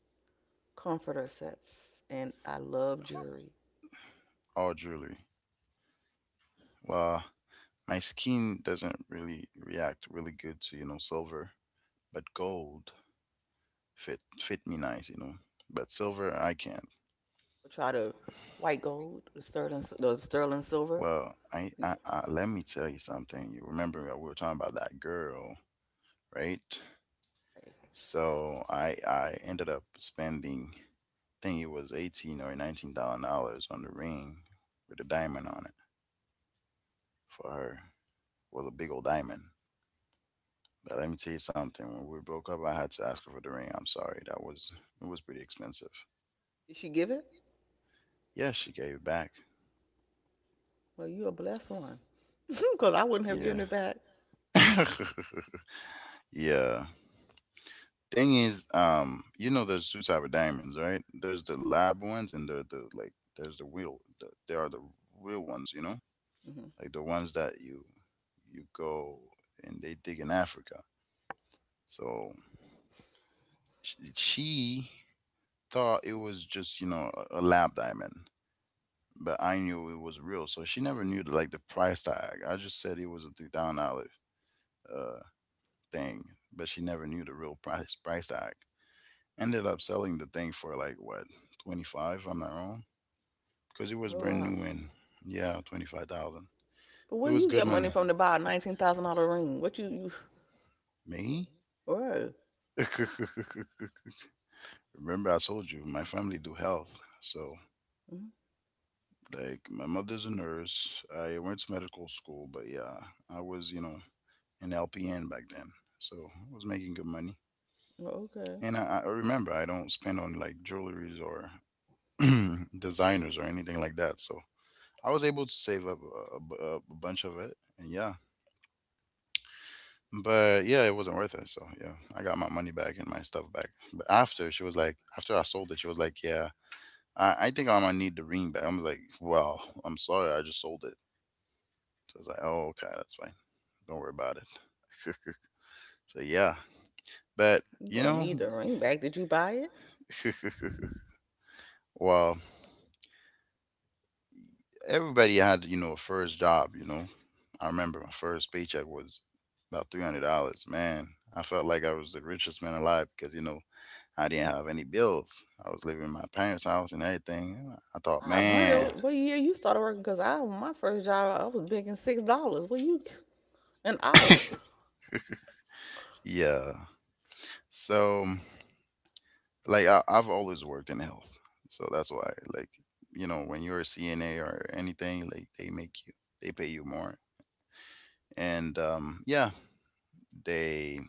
S2: Comforter sets and I love jewelry.
S1: All jewelry. Well, my skin doesn't really react really good to, silver, but gold fit me nice. But silver, I can't.
S2: I try to white gold, the sterling silver.
S1: Well, I let me tell you something. You remember we were talking about that girl, right? So I ended up spending, I think it was eighteen or nineteen thousand dollars on the ring with a diamond on it for her. Was a big old diamond. But let me tell you something. When we broke up, I had to ask her for the ring. I'm sorry. That was It was pretty expensive.
S2: Did she give it?
S1: Yeah, she gave it back.
S2: Well, you a blessed one, *laughs* because I wouldn't have
S1: Yeah.
S2: given it back.
S1: *laughs* Yeah. Thing is, there's two type of diamonds, right? There's the lab ones, and there the like. There's the real. There are the real ones,
S2: Hmm.
S1: like the ones that you go and they dig in Africa. So she thought it was just a lab diamond, but I knew it was real. So she never knew like the price tag. I just said it was a $3,000 thing, but she never knew the real price tag. Ended up selling the thing for like what 25, if I'm not wrong, because it was
S2: Oh
S1: brand
S2: wow.
S1: new and yeah, 25,000. It
S2: Where
S1: was
S2: you
S1: good
S2: get money
S1: money.
S2: from to buy a $19,000 ring? What you you?
S1: Me?
S2: Right.
S1: *laughs* Remember, I told you my family do health, so
S2: Mhm.
S1: like my mother's a nurse. I went to medical school, but yeah, I was an LPN back then, so I was making good money.
S2: Oh, okay.
S1: And I remember I don't spend on like jewelries or *clears throat* designers or anything like that. So I was able to save up a bunch of it, and yeah, but yeah, it wasn't worth it. So yeah, I got my money back and my stuff back. But after I sold it, she was like, yeah, I think I'm gonna need the ring back. I was like, well, I'm sorry, I just sold it. So I was like, oh, okay, that's fine. Don't worry about it. *laughs* So yeah, but
S2: You
S1: you
S2: gonna
S1: know,
S2: need the ring back? Did you buy it?
S1: *laughs* well, everybody had a first job. I remember my first paycheck was about $300. Man, I felt like I was the richest man alive because I didn't have any bills. I was living in my parents' house and everything. I thought,
S2: Five
S1: man,
S2: hundred. What year you started working? Cause I my first job I was making $6. Well, you an hour.
S1: *laughs* yeah. So, like, I've always worked in health. So that's why, like, when you're a CNA or anything, like, they pay you more. And yeah, they,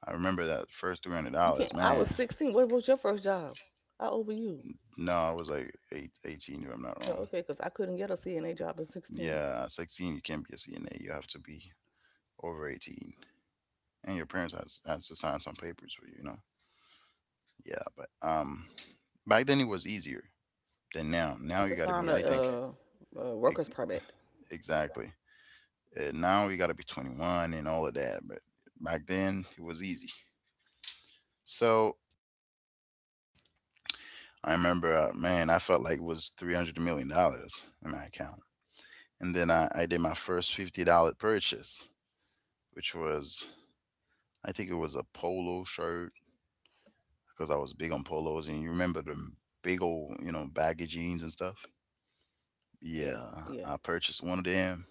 S1: I remember that first
S2: You
S1: $300,
S2: can't. I was
S1: man.
S2: 16. What was your first job? I over you.
S1: No, I was like 18, if I'm not
S2: Well,
S1: wrong.
S2: okay, cause I couldn't get a CNA job at 16.
S1: Yeah, 16, you can't be a CNA. You have to be over 18. And your parents has to sign some papers for you, you know? Yeah, but back then it was easier than now.
S2: You
S1: Now
S2: have
S1: you
S2: to
S1: got to
S2: sign
S1: be,
S2: a
S1: I think. ex-
S2: workers permit.
S1: exactly. Now you got to be 21 and all of that, but back then it was easy. So I remember, man, I felt like it was 300 million dollars in my account, and then I did my first $50 purchase, which was, I think it was a polo shirt because I was big on polos, and you remember the big old, baggy jeans and stuff.
S2: Yeah,
S1: Yeah,
S2: yeah.
S1: I purchased one of them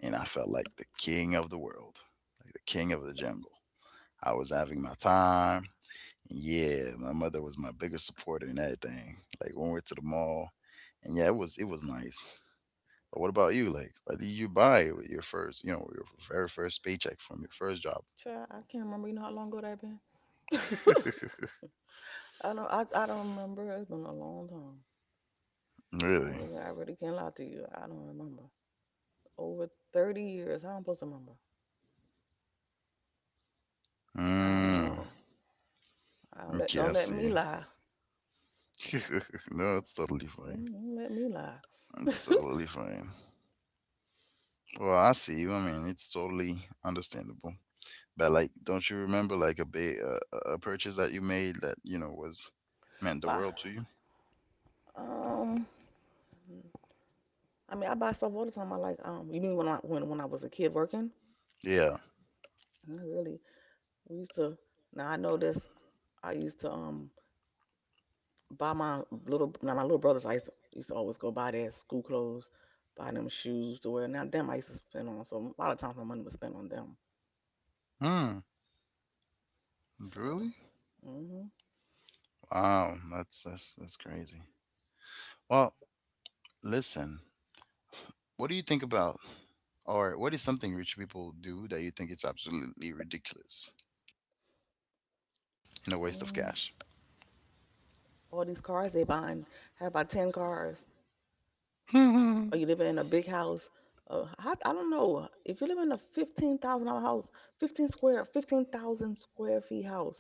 S1: and I felt like the king of the world, like the king of the jungle. I was having my time. Yeah, my mother was my biggest supporter in everything. Like when we were to the mall, and yeah, it was nice. But what about you? Like, what did you buy with your very first paycheck from your first job?
S2: Child, I can't remember. You know how long ago that been? *laughs*
S1: *laughs*
S2: I don't. I don't remember. It's been a long time. I
S1: Really?
S2: really, I really can't lie to you. I don't remember. Over 30 years. How I'm supposed to remember? I don't
S1: Mm,
S2: know. I
S1: okay, I
S2: don't let
S1: see.
S2: me lie.
S1: *laughs* No, it's totally fine.
S2: Mm. Don't let me lie. *laughs*
S1: It's totally fine. Well, I see you. I mean, it's totally understandable. But like, don't you remember like a ba- a purchase that you made that was meant the
S2: Why?
S1: world to you?
S2: Um I mean I buy stuff all the time. I like You mean when I was a kid working?
S1: Yeah.
S2: Not really. We used to Now I know this. I used to Buy my little— now my little brothers, I used to always go buy their school clothes, buy them shoes to wear. Now them I used to spend on, so a lot of times my money was spent on them.
S1: Hmm.
S2: So,
S1: Really?
S2: mhm.
S1: Wow. That's crazy. Well, listen. What do you think about, what is something rich people do that you think it's absolutely ridiculous and a waste of
S2: Mm,
S1: cash?
S2: all these cars they buying, have about 10 cars,
S1: *laughs* How
S2: or you living in a big house. I don't know if you live in a $15,000 house. 15 square— 15,000 square feet house.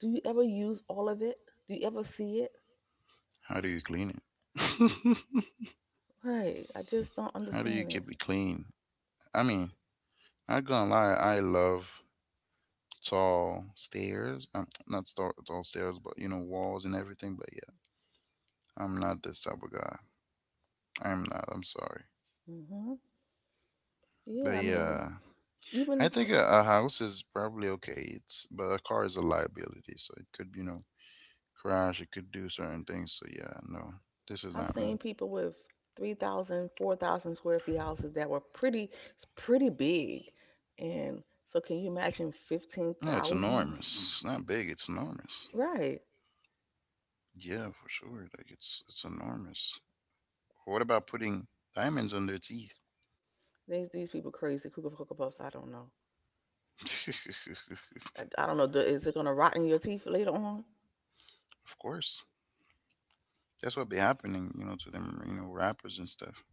S2: Do you ever use all of it? Do you ever see it?
S1: do you clean it? *laughs*
S2: Right, I just don't
S1: How do you
S2: understand it.
S1: keep it clean? I mean, I'm not gonna lie, I love tall stairs. *tsk* Not tall, tall stairs, but, walls and everything. But yeah. I'm not this type of guy. I'm not. I'm sorry.
S2: Hmm.
S1: But
S2: Yeah, I mean,
S1: yeah, I
S2: even t-
S1: think a house is probably okay. It's but a car is a liability, so it could crash. It could do certain things. So yeah, no, this is
S2: I've
S1: not me.
S2: seen people with 3,000, 4,000 square feet houses that were pretty big, and so can you imagine
S1: No, it's
S2: 15,000?
S1: enormous. It's not big. It's enormous.
S2: Right.
S1: Yeah, for sure. Like it's enormous. What about putting diamonds on their teeth?
S2: These people crazy. Cuckoo for Puffs. I don't know.
S1: *laughs*
S2: I don't know. Is it gonna rot in your teeth later on?
S1: Of course. That's what be happening, to them, rappers and stuff.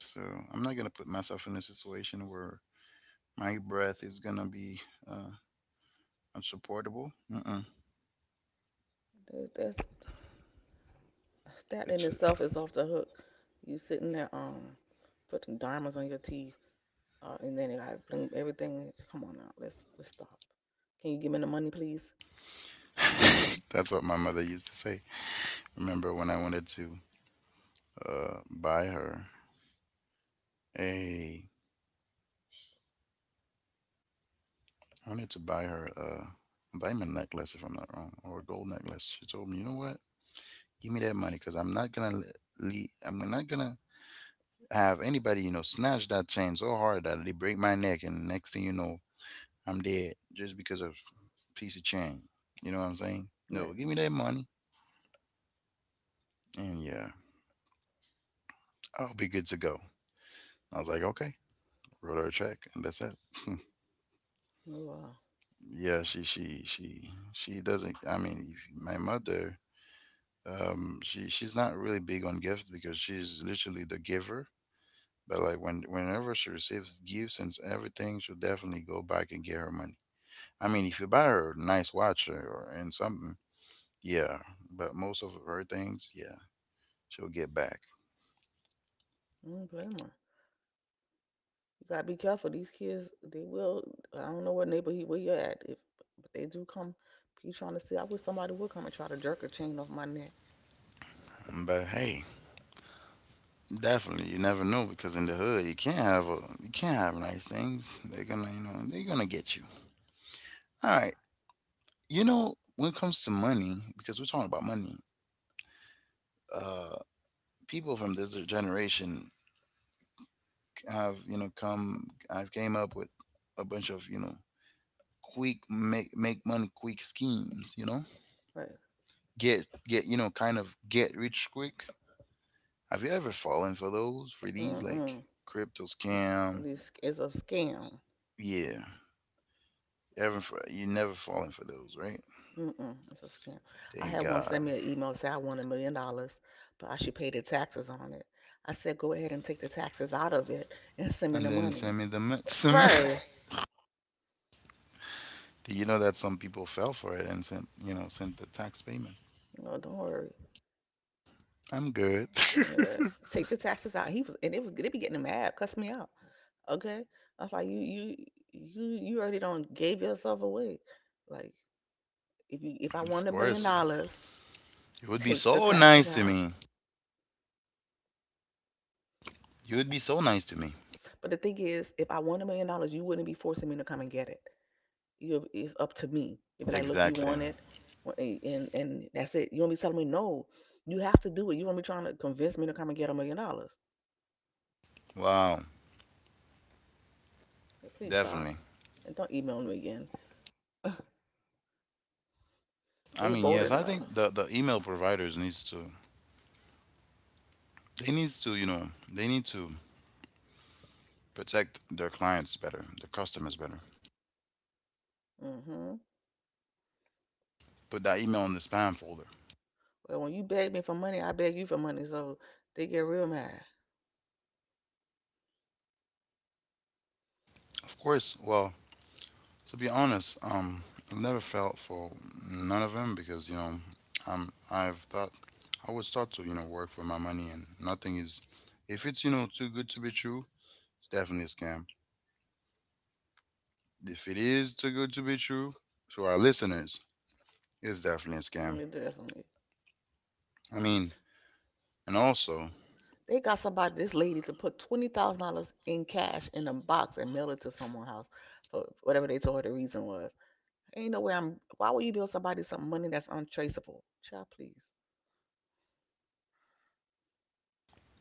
S1: So I'm not gonna put myself in a situation where my breath is gonna be uh, unsupportable. Mm-mm.
S2: That, that's that in
S1: It's
S2: itself is off the hook. You sitting there, putting diamonds on your teeth, and then you gotta bring everything. Come on now. Let's stop. Can you give me the money, please?
S1: *laughs* That's what my mother used to say. Remember when I wanted to buy her a I wanted to buy her a diamond necklace if I'm not wrong or a gold necklace. She told me, you know what? Give me that money because I'm not gonna I'm not gonna have anybody snatch that chain so hard that they break my neck and next thing you know I'm dead just because of a piece of chain. You know what I'm saying? No,
S2: Right.
S1: give me that money. And yeah. I'll be good to go. I was like, okay, wrote her a check, and that's it. *laughs*
S2: Wow.
S1: Yeah, she doesn't. I mean, my mother, she's not really big on gifts because she's literally the giver. But like whenever she receives gifts and everything, she'll definitely go back and get her money. I mean, if you buy her a nice watch or and something, yeah. But most of her things, yeah, she'll get back.
S2: I don't blame her. You gotta be careful. These kids, they will. I don't know what neighborhood where you're at, if but they do come. You trying to see. I wish somebody would come and try to jerk a chain off my neck.
S1: But hey. Definitely, you never know because in the hood you can't have nice things. They're gonna get you. All right, you know, when it comes to money, because we're talking about money. Uh, People from this generation have you know come I've came up with a bunch of quick make money quick schemes. You know,
S2: Right.
S1: kind of get rich quick. Have you ever fallen for those for these
S2: Mm. Mm.
S1: like crypto
S2: This
S1: scam?
S2: this is a scam.
S1: Yeah, ever for you never fallen for those, right?
S2: Mm-mm, it's a scam. I
S1: Thank
S2: had one
S1: God.
S2: send me an email say I won $1 million, but I should pay the taxes on it. I said go ahead and take the taxes out of it and send me
S1: And
S2: the
S1: then
S2: money.
S1: send me the mi- *laughs* send me-
S2: Right?
S1: Do you know that some people fell for it and sent sent the tax payment?
S2: No, don't worry.
S1: I'm good.
S2: Yes, take the taxes out. He was and it was They be getting mad, cuss me out. Okay, I was like, you already don't gave yourself away. Like, if I
S1: *laughs* Of
S2: won a billion
S1: course,
S2: dollars,
S1: you would be
S2: take the
S1: so
S2: taxes
S1: nice to
S2: out.
S1: me. You would be so nice to me.
S2: But the thing is, if I want $1 million, you wouldn't be forcing me to come and get it. It's up to me. You'd be like, look, you
S1: Exactly.
S2: want it, and that's it. You won't be telling me no. You have to do it. You won't be trying to convince me to come and get $1 million.
S1: Wow.
S2: Like, please stop,
S1: Definitely.
S2: and don't email me again. *laughs*
S1: I
S2: They
S1: mean, yes.
S2: bolted
S1: I
S2: off.
S1: think the email providers needs to they need to protect their clients better, their customers better.
S2: Mm-hmm.
S1: Put that email in the spam folder.
S2: But when you beg me for money, I beg you for money. So they get real mad.
S1: Of course. Well, to be honest, I never felt for none of them because, you know, I've thought I would start to, you know, work for my money. And nothing is, if it's, you know, too good to be true, it's definitely a scam. If it is too good to be true, to our listeners, it's definitely a scam.
S2: Mm. Definitely.
S1: I mean, and also
S2: They got somebody, this lady, to put $20,000 in cash in a box and mail it to someone's house for whatever they told her the reason was. Ain't no way I'm. Why would you build somebody some money that's untraceable? Child, please.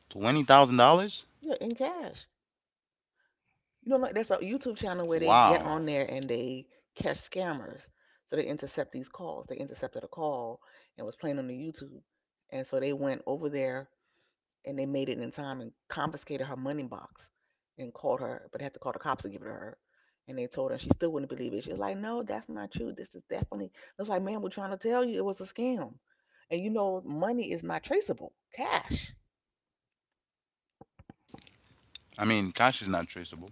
S1: $20,000.
S2: Yeah, in cash. You know, like, that's a YouTube channel where they get
S1: Wow.
S2: on there and they catch scammers. So they intercept these calls. They intercepted a call and was playing on the YouTube, and so they went over there and they made it in time and confiscated her money box and called her, but they had to call the cops to give it to her. And they told her she still wouldn't believe it. She was like, "No, that's not true. This is definitely." It's like, "Man, we're trying to tell you it was a scam." And you know, money is not traceable. Cash.
S1: I mean, cash is not traceable,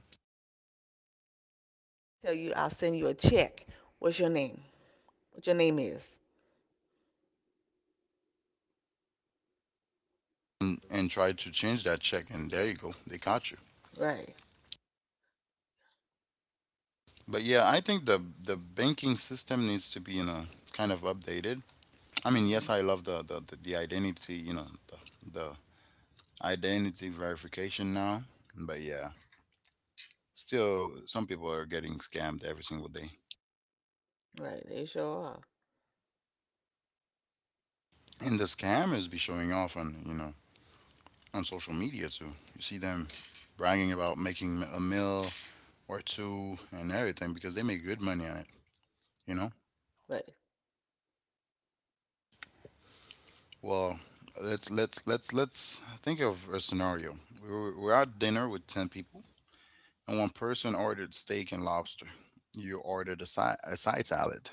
S2: Tell you, I'll send you a check. What's your name? What your name is?
S1: and try to change that check, and there you go, they caught you.
S2: Right.
S1: But yeah, I think the banking system needs to be, you know, kind of updated. I mean, yes, I
S2: Hmm.
S1: love the identity, you know, the identity verification now. But yeah, still, some people are getting scammed every single day,
S2: Right. They sure are.
S1: and the scammers be showing off on on social media too. You see them bragging about making a mill or two and everything, because they make good money on it. You know.
S2: Right.
S1: Well, let's think of a scenario. We're at dinner with ten people, and one person ordered steak and lobster. You ordered a side salad.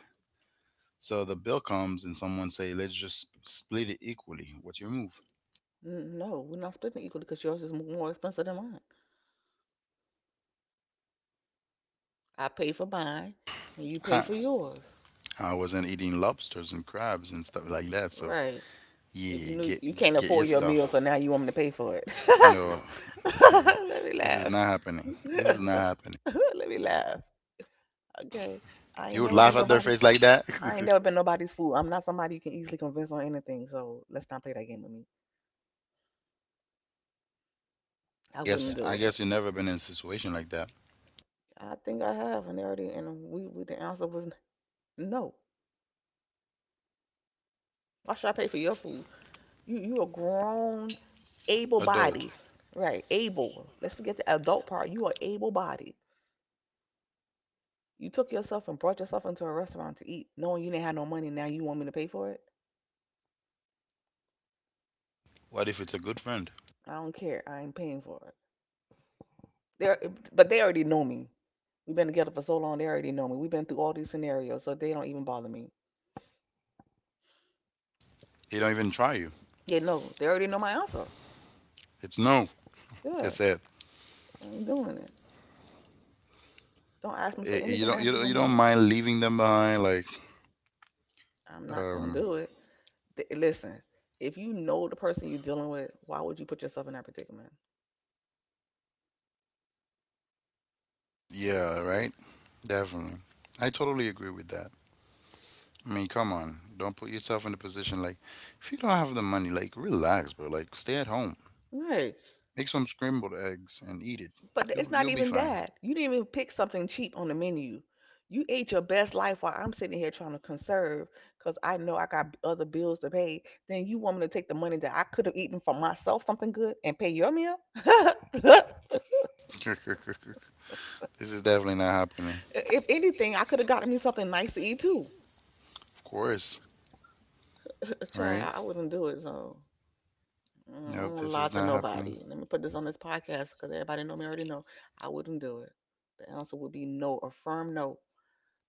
S1: So the bill comes, and someone say, "Let's just split it equally." What's your move?
S2: Mm-hmm. No, we're not splitting equally because yours is more expensive than mine. I pay for mine, and you pay
S1: I,
S2: for yours.
S1: I wasn't eating lobsters and crabs and stuff like
S2: Mm.
S1: that. So
S2: Right. If you
S1: yeah,
S2: knew you
S1: get
S2: can't
S1: get your
S2: afford your meal, so
S1: stuff.
S2: now you want me to pay for it.
S1: No,
S2: *laughs*
S1: *laughs*
S2: Let me
S1: this is
S2: laugh.
S1: not happening. This is not happening.
S2: *laughs* Let me laugh. Okay. I
S1: You
S2: ain't
S1: would
S2: never
S1: laugh
S2: been
S1: at their
S2: nobody.
S1: face like that.
S2: I ain't
S1: *laughs*
S2: never been nobody's fool. I'm not somebody you can easily convince on anything. So let's not play that game with me. I wouldn't
S1: Yes,
S2: do
S1: I guess
S2: it.
S1: you've never been in a situation like that.
S2: I think I have, and they already— and we the answer was no. Why should I pay for your food? You a grown, able
S1: Adult.
S2: body, right? Able. Let's forget the adult part. You are able body. You took yourself and brought yourself into a restaurant to eat, knowing you didn't have no money. Now you want me to pay for it?
S1: What if it's a good friend?
S2: I don't care. I ain't paying for it. They're, but they already know me. We've been together for so long. They already know me. We've been through all these scenarios, so they don't even bother me.
S1: They don't even try you.
S2: Yeah, no, they already know my answer.
S1: It's no.
S2: Yeah,
S1: That's it.
S2: I ain't doing it. Don't ask me for
S1: You
S2: anything that
S1: don't.
S2: has
S1: You
S2: to do
S1: don't.
S2: with
S1: You don't
S2: money.
S1: mind leaving them behind. Like,
S2: I'm not gonna
S1: um,
S2: do it. Listen, if you know the person you're dealing with, why would you put yourself in that predicament?
S1: yeah, right. Definitely. I totally agree with that. I mean, come on. Don't put yourself in a position like, if you don't have the money, like, relax, bro. Like, stay at home.
S2: Right.
S1: Make some scrambled eggs and eat it.
S2: But it's
S1: You
S2: not
S1: you'll be
S2: even
S1: fine.
S2: that. You didn't even pick something cheap on the menu. You ate your best life while I'm sitting here trying to conserve because I know I got other bills to pay. Then you want me to take the money that I could have eaten for myself something good and pay your meal?
S1: *laughs* This is definitely not happening.
S2: If anything, I could have gotten me something nice to eat too.
S1: Of course, right?
S2: Child, I wouldn't do it. So, I don't
S1: Nope,
S2: wanna
S1: this
S2: lie
S1: is
S2: to
S1: not happening.
S2: nobody. Let me put this on this podcast because everybody know me already know. I wouldn't do it. The answer would be no, a firm no.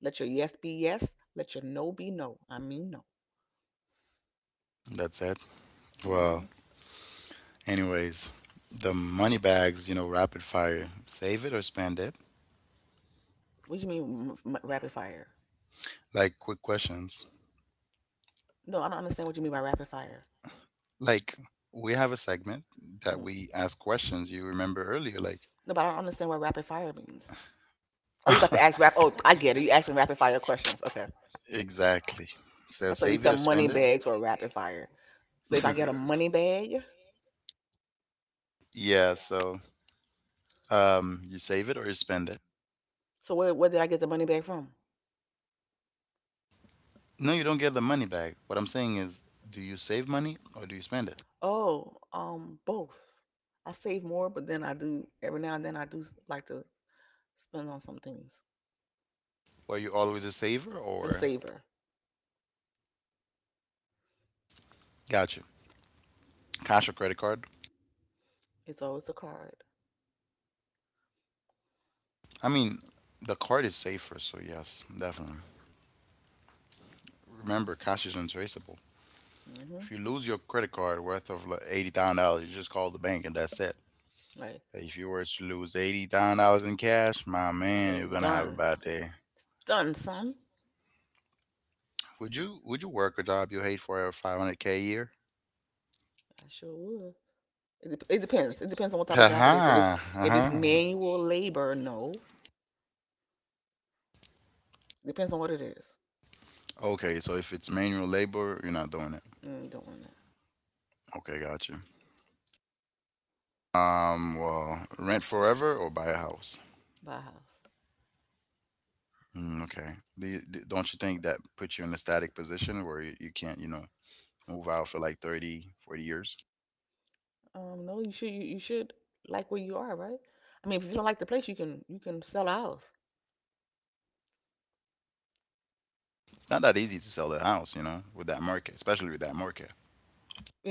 S2: Let your yes be yes. Let your no be no. I mean no.
S1: That's it.
S2: Mm-hmm.
S1: Wow. Anyways, the money bags, you know, rapid fire. Save it or spend it?
S2: What do you mean, rapid fire?
S1: Like, quick questions.
S2: No, I don't understand what you mean by rapid fire.
S1: Like, we have a segment that
S2: Hmm.
S1: we ask questions, you remember earlier, like
S2: No, but I don't understand what rapid fire means. Oh, you about to ask rap? Oh, I get it. You asking rapid fire questions. Okay.
S1: exactly. So
S2: I thought
S1: save
S2: you
S1: it or
S2: said
S1: spend
S2: money
S1: it?
S2: bags or rapid fire. So if I get a money
S1: *laughs*
S2: bag,
S1: Yeah, so you save it or you spend it.
S2: so where did I get the money bag from?
S1: No, you don't get the money back. What I'm saying is, do you save money or do you spend it?
S2: Oh, both. I save more, but then I do, every now and then I do like to spend on some things.
S1: Were you always a saver
S2: A
S1: or
S2: saver.
S1: got you? Cash or credit card?
S2: It's always a card.
S1: I mean, the card is safer, so yes, definitely. Remember, cash is untraceable.
S2: Mhm.
S1: If you lose your credit card worth of like $80,000, you just call the bank and that's it.
S2: Like,
S1: If you were to lose $80,000 in cash, my man,
S2: it's
S1: you're gonna have a
S2: done.
S1: bad day.
S2: Done, son.
S1: Would you work a job you hate for 500 k a year?
S2: I sure would. It depends. It depends on what type of job it is. If it's
S1: Uh-huh.
S2: if it's
S1: Uh-huh.
S2: manual labor, no. Depends on what it is.
S1: Okay, so if it's manual labor, you're not doing it.
S2: Mm, don't want that.
S1: Okay, got you. Well, rent forever or buy a house?
S2: Buy a house.
S1: Mm, okay. Don't you think that puts you in a static position where you can't, you know, move out for like 30, 40 years?
S2: No, you should like where you are, right? I mean, if you don't like the place, you can sell a house
S1: It's not that easy to sell the house, you know, with that market, especially with that market.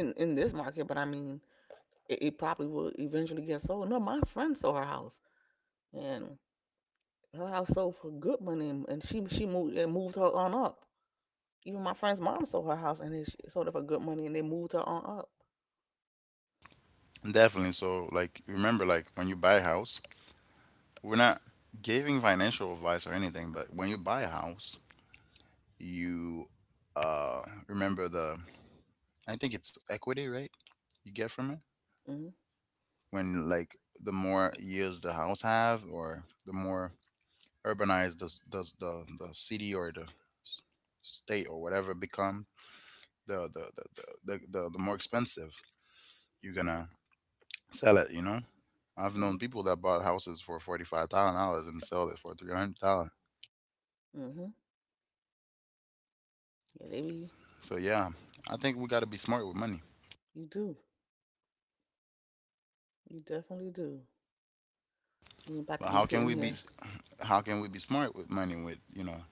S2: in this market. But I mean, it probably will eventually get sold. No, my friend sold her house, and her house sold for good money, and she moved and moved her on up. Even my friend's mom sold her house, and sold it for good money, and they moved her on up.
S1: Definitely. So, like, remember, like, when you buy a house, we're not giving financial advice or anything, but when you buy a house, you uh remember the, I think it's equity, right? You get from it
S2: Mm-hmm.
S1: when like the more years the house have, or the more urbanize the city or s- state or whatever it become, the more expensive you're gonna sell it. You know, I've known people that bought houses for $45,000 and sold it for 300,000.
S2: Mm-hmm. Mm-hmm. Yeah, they be—
S1: So yeah, I think we got to be smart with money.
S2: You do. You definitely do. You ain't about to
S1: But
S2: be sitting here.
S1: how can we be smart with money with, you know,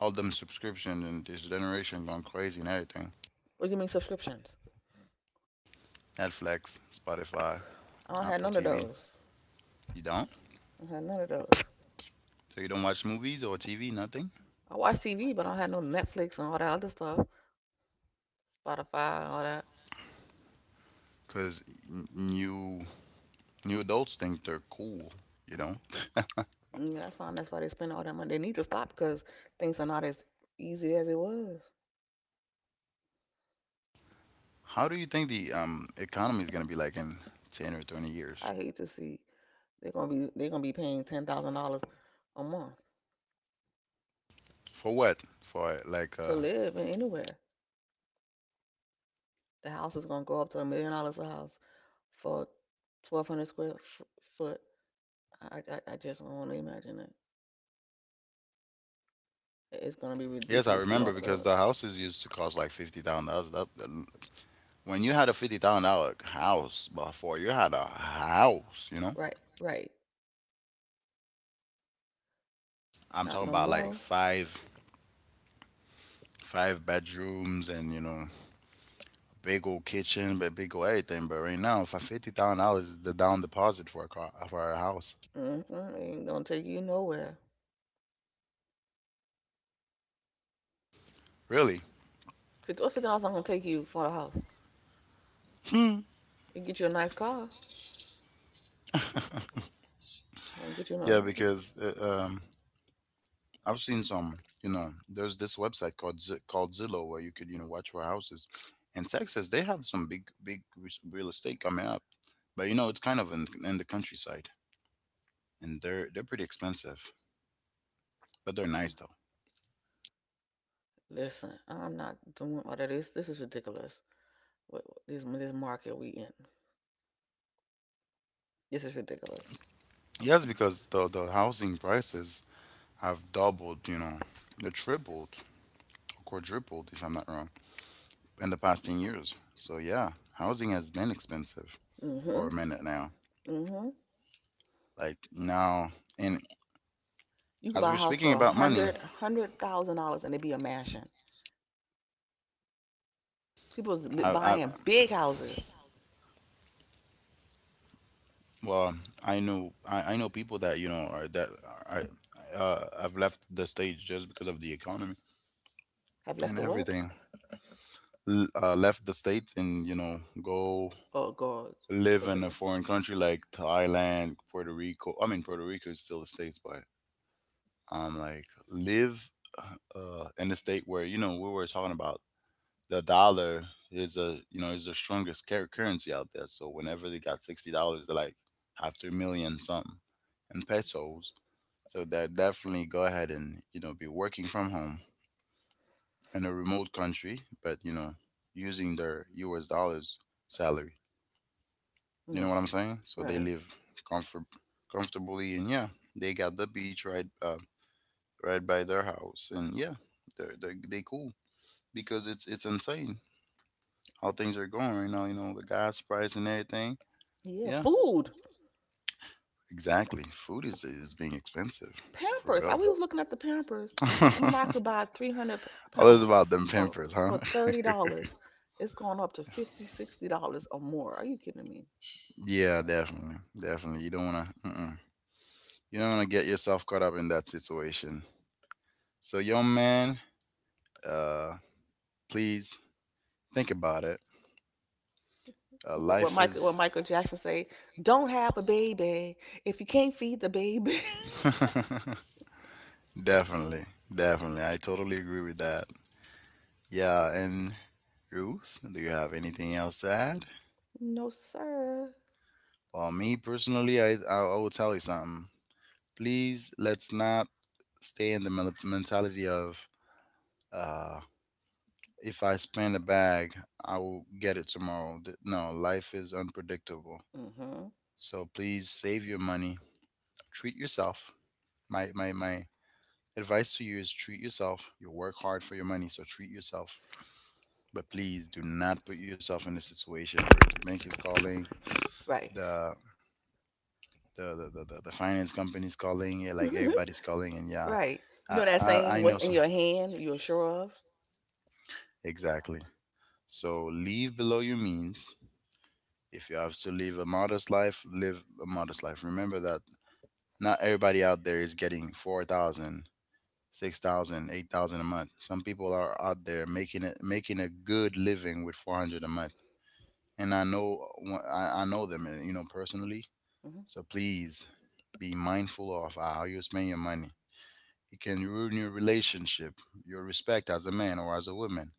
S1: all them subscriptions and this generation going crazy and everything?
S2: What do you mean subscriptions?
S1: Netflix, Spotify,
S2: I don't have
S1: Apple
S2: none of
S1: TV.
S2: those.
S1: You don't?
S2: I don't have none of those.
S1: So you don't watch movies or TV? Nothing?
S2: I watch TV, but I don't have no Netflix and all that other stuff, Spotify, and all that.
S1: Because new new adults think they're cool. You know,
S2: Mm, that's fine. That's why they spend all that money. They need to stop because things are not as easy as it was.
S1: how do you think the economy is gonna be like in 10 or 20 years?
S2: I hate to see, they're gonna be paying $10,000 a month
S1: For what? For like.
S2: to live in anywhere. The house is gonna go up to $1 million a house for 1,200 square foot. I, I just don't want to imagine it. It's gonna be
S1: Yes, I
S2: ridiculously
S1: remember
S2: off the
S1: because the
S2: hook.
S1: houses used to cost like $50,000. That when you had a $50,000 house before, you had a house. You know,
S2: Right, right.
S1: I'm
S2: Not
S1: talking
S2: no
S1: about like
S2: more.
S1: five bedrooms and, you know, big old kitchen, but big old everything. But right now, for $50,000 is the down deposit for a car for a house.
S2: Mm-hmm. Ain't gonna take you nowhere.
S1: Really,
S2: Fifty or fifty dollars not gonna take you for the house. It get you a nice car. It won't get you no
S1: yeah,
S2: house.
S1: because I've seen some. You know, there's this website called Zillow where you could, you know, watch for houses. In Texas, they have some big real estate coming up, but you know it's kind of in the countryside, and they're pretty expensive, but they're nice though.
S2: Listen, I'm not doing all of this. This is ridiculous. This market we in? This is ridiculous.
S1: Yes, because the housing prices have doubled. You know, they tripled, or quadrupled, if I'm not wrong, in the past 10 years. So yeah, housing has been expensive for a
S2: Mhm,
S1: minute now.
S2: mhm.
S1: Like now, in
S2: You could
S1: as we
S2: buy a
S1: were
S2: house
S1: speaking
S2: for
S1: about money,
S2: $100,000, and it be a mansion. People's
S1: I
S2: buying big houses.
S1: well, I know people that, you know, are have left the stage just because of the economy
S2: Have left
S1: and
S2: the what?
S1: everything. Left the states and, you know, go
S2: Oh God,
S1: live
S2: so
S1: in a
S2: different.
S1: foreign country like Thailand, Puerto Rico. I mean, Puerto Rico is still the states, but like live in a state where, you know, we were talking about the dollar is a, you know, is the strongest currency out there. So whenever they got $60, they're like after a million something in pesos. So that definitely go ahead and, you know, be working from home in a remote country, but you know using their U.S. dollars salary. You
S2: Mm,
S1: know what I'm saying? So they
S2: right.
S1: live comfort comfortably, and yeah, they got the beach right right by their house, and yeah, they cool because it's insane. How things are going right now, you know, the gas price and everything.
S2: Yeah,
S1: Yeah,
S2: food.
S1: exactly. Food is being expensive. For
S2: Pampers. I
S1: real.
S2: we was looking at the Pampers. I remember I
S1: *laughs*
S2: could buy 300
S1: All
S2: pounds
S1: this about them
S2: for
S1: pimpers, huh?
S2: for $30. It's gone up to 50, $60 or more. Are you kidding me?
S1: *laughs* Yeah, definitely. Definitely. You don't wanna mm-mm. You don't wanna get yourself caught up in that situation. So young man, uh please think about it.
S2: What, what
S1: Life
S2: Michael what
S1: is
S2: Michael Jackson say, "Don't have a baby if you can't feed the baby." *laughs*
S1: *laughs* definitely, definitely. I totally agree with that. Yeah, and Ruth, do you have anything else to add?
S2: No, sir.
S1: Well, me personally, I will tell you something. Please, let's not stay in the mentality of uh, if I spend a bag, I will get it tomorrow. Th- No, life is unpredictable.
S2: Mhm.
S1: So please save your money. Treat yourself. My advice to you is treat yourself. You work hard for your money, so treat yourself. But please do not put yourself in a situation where the bank is calling.
S2: Right.
S1: The the finance company's calling, yeah, like everybody's calling. And
S2: *laughs*
S1: yeah,
S2: Right. You know that
S1: I
S2: saying,
S1: know
S2: "What's
S1: some
S2: in your hand, you're sure of."
S1: exactly, so live below your means. If you have to live a modest life, live a modest life. Remember that not everybody out there is getting 4,000, 6,000, 8,000 a month. Some people are out there making a good living with 400 a month, and I know them, you know, personally.
S2: Mhm.
S1: So please be mindful of how you spend your money. It can ruin your relationship, your respect as a man or as a woman.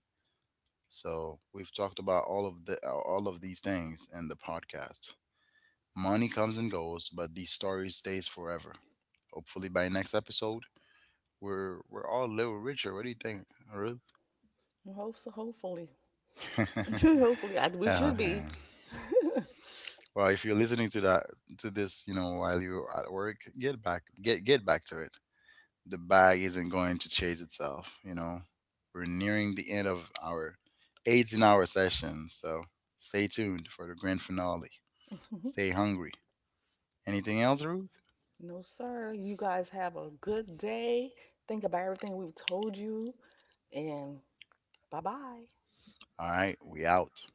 S1: So we've talked about all of the all of these things in the podcast. Money comes and goes, but these stories stays forever. Hopefully by next episode, we're all a little richer. What do you think, Ruth?
S2: Hopefully. *laughs*
S1: *laughs* Oh
S2: Hopefully, we should be.
S1: man. Well, if you're listening to that to this, you know, while you're at work, get back to it. The bag isn't going to chase itself. You know, we're nearing the end of our 18-hour session, so stay tuned for the grand finale.
S2: Mhm.
S1: Stay hungry. Anything else, Ruth?
S2: No, sir. You guys have a good day. Think about everything we've told you, and bye bye.
S1: All right, we out.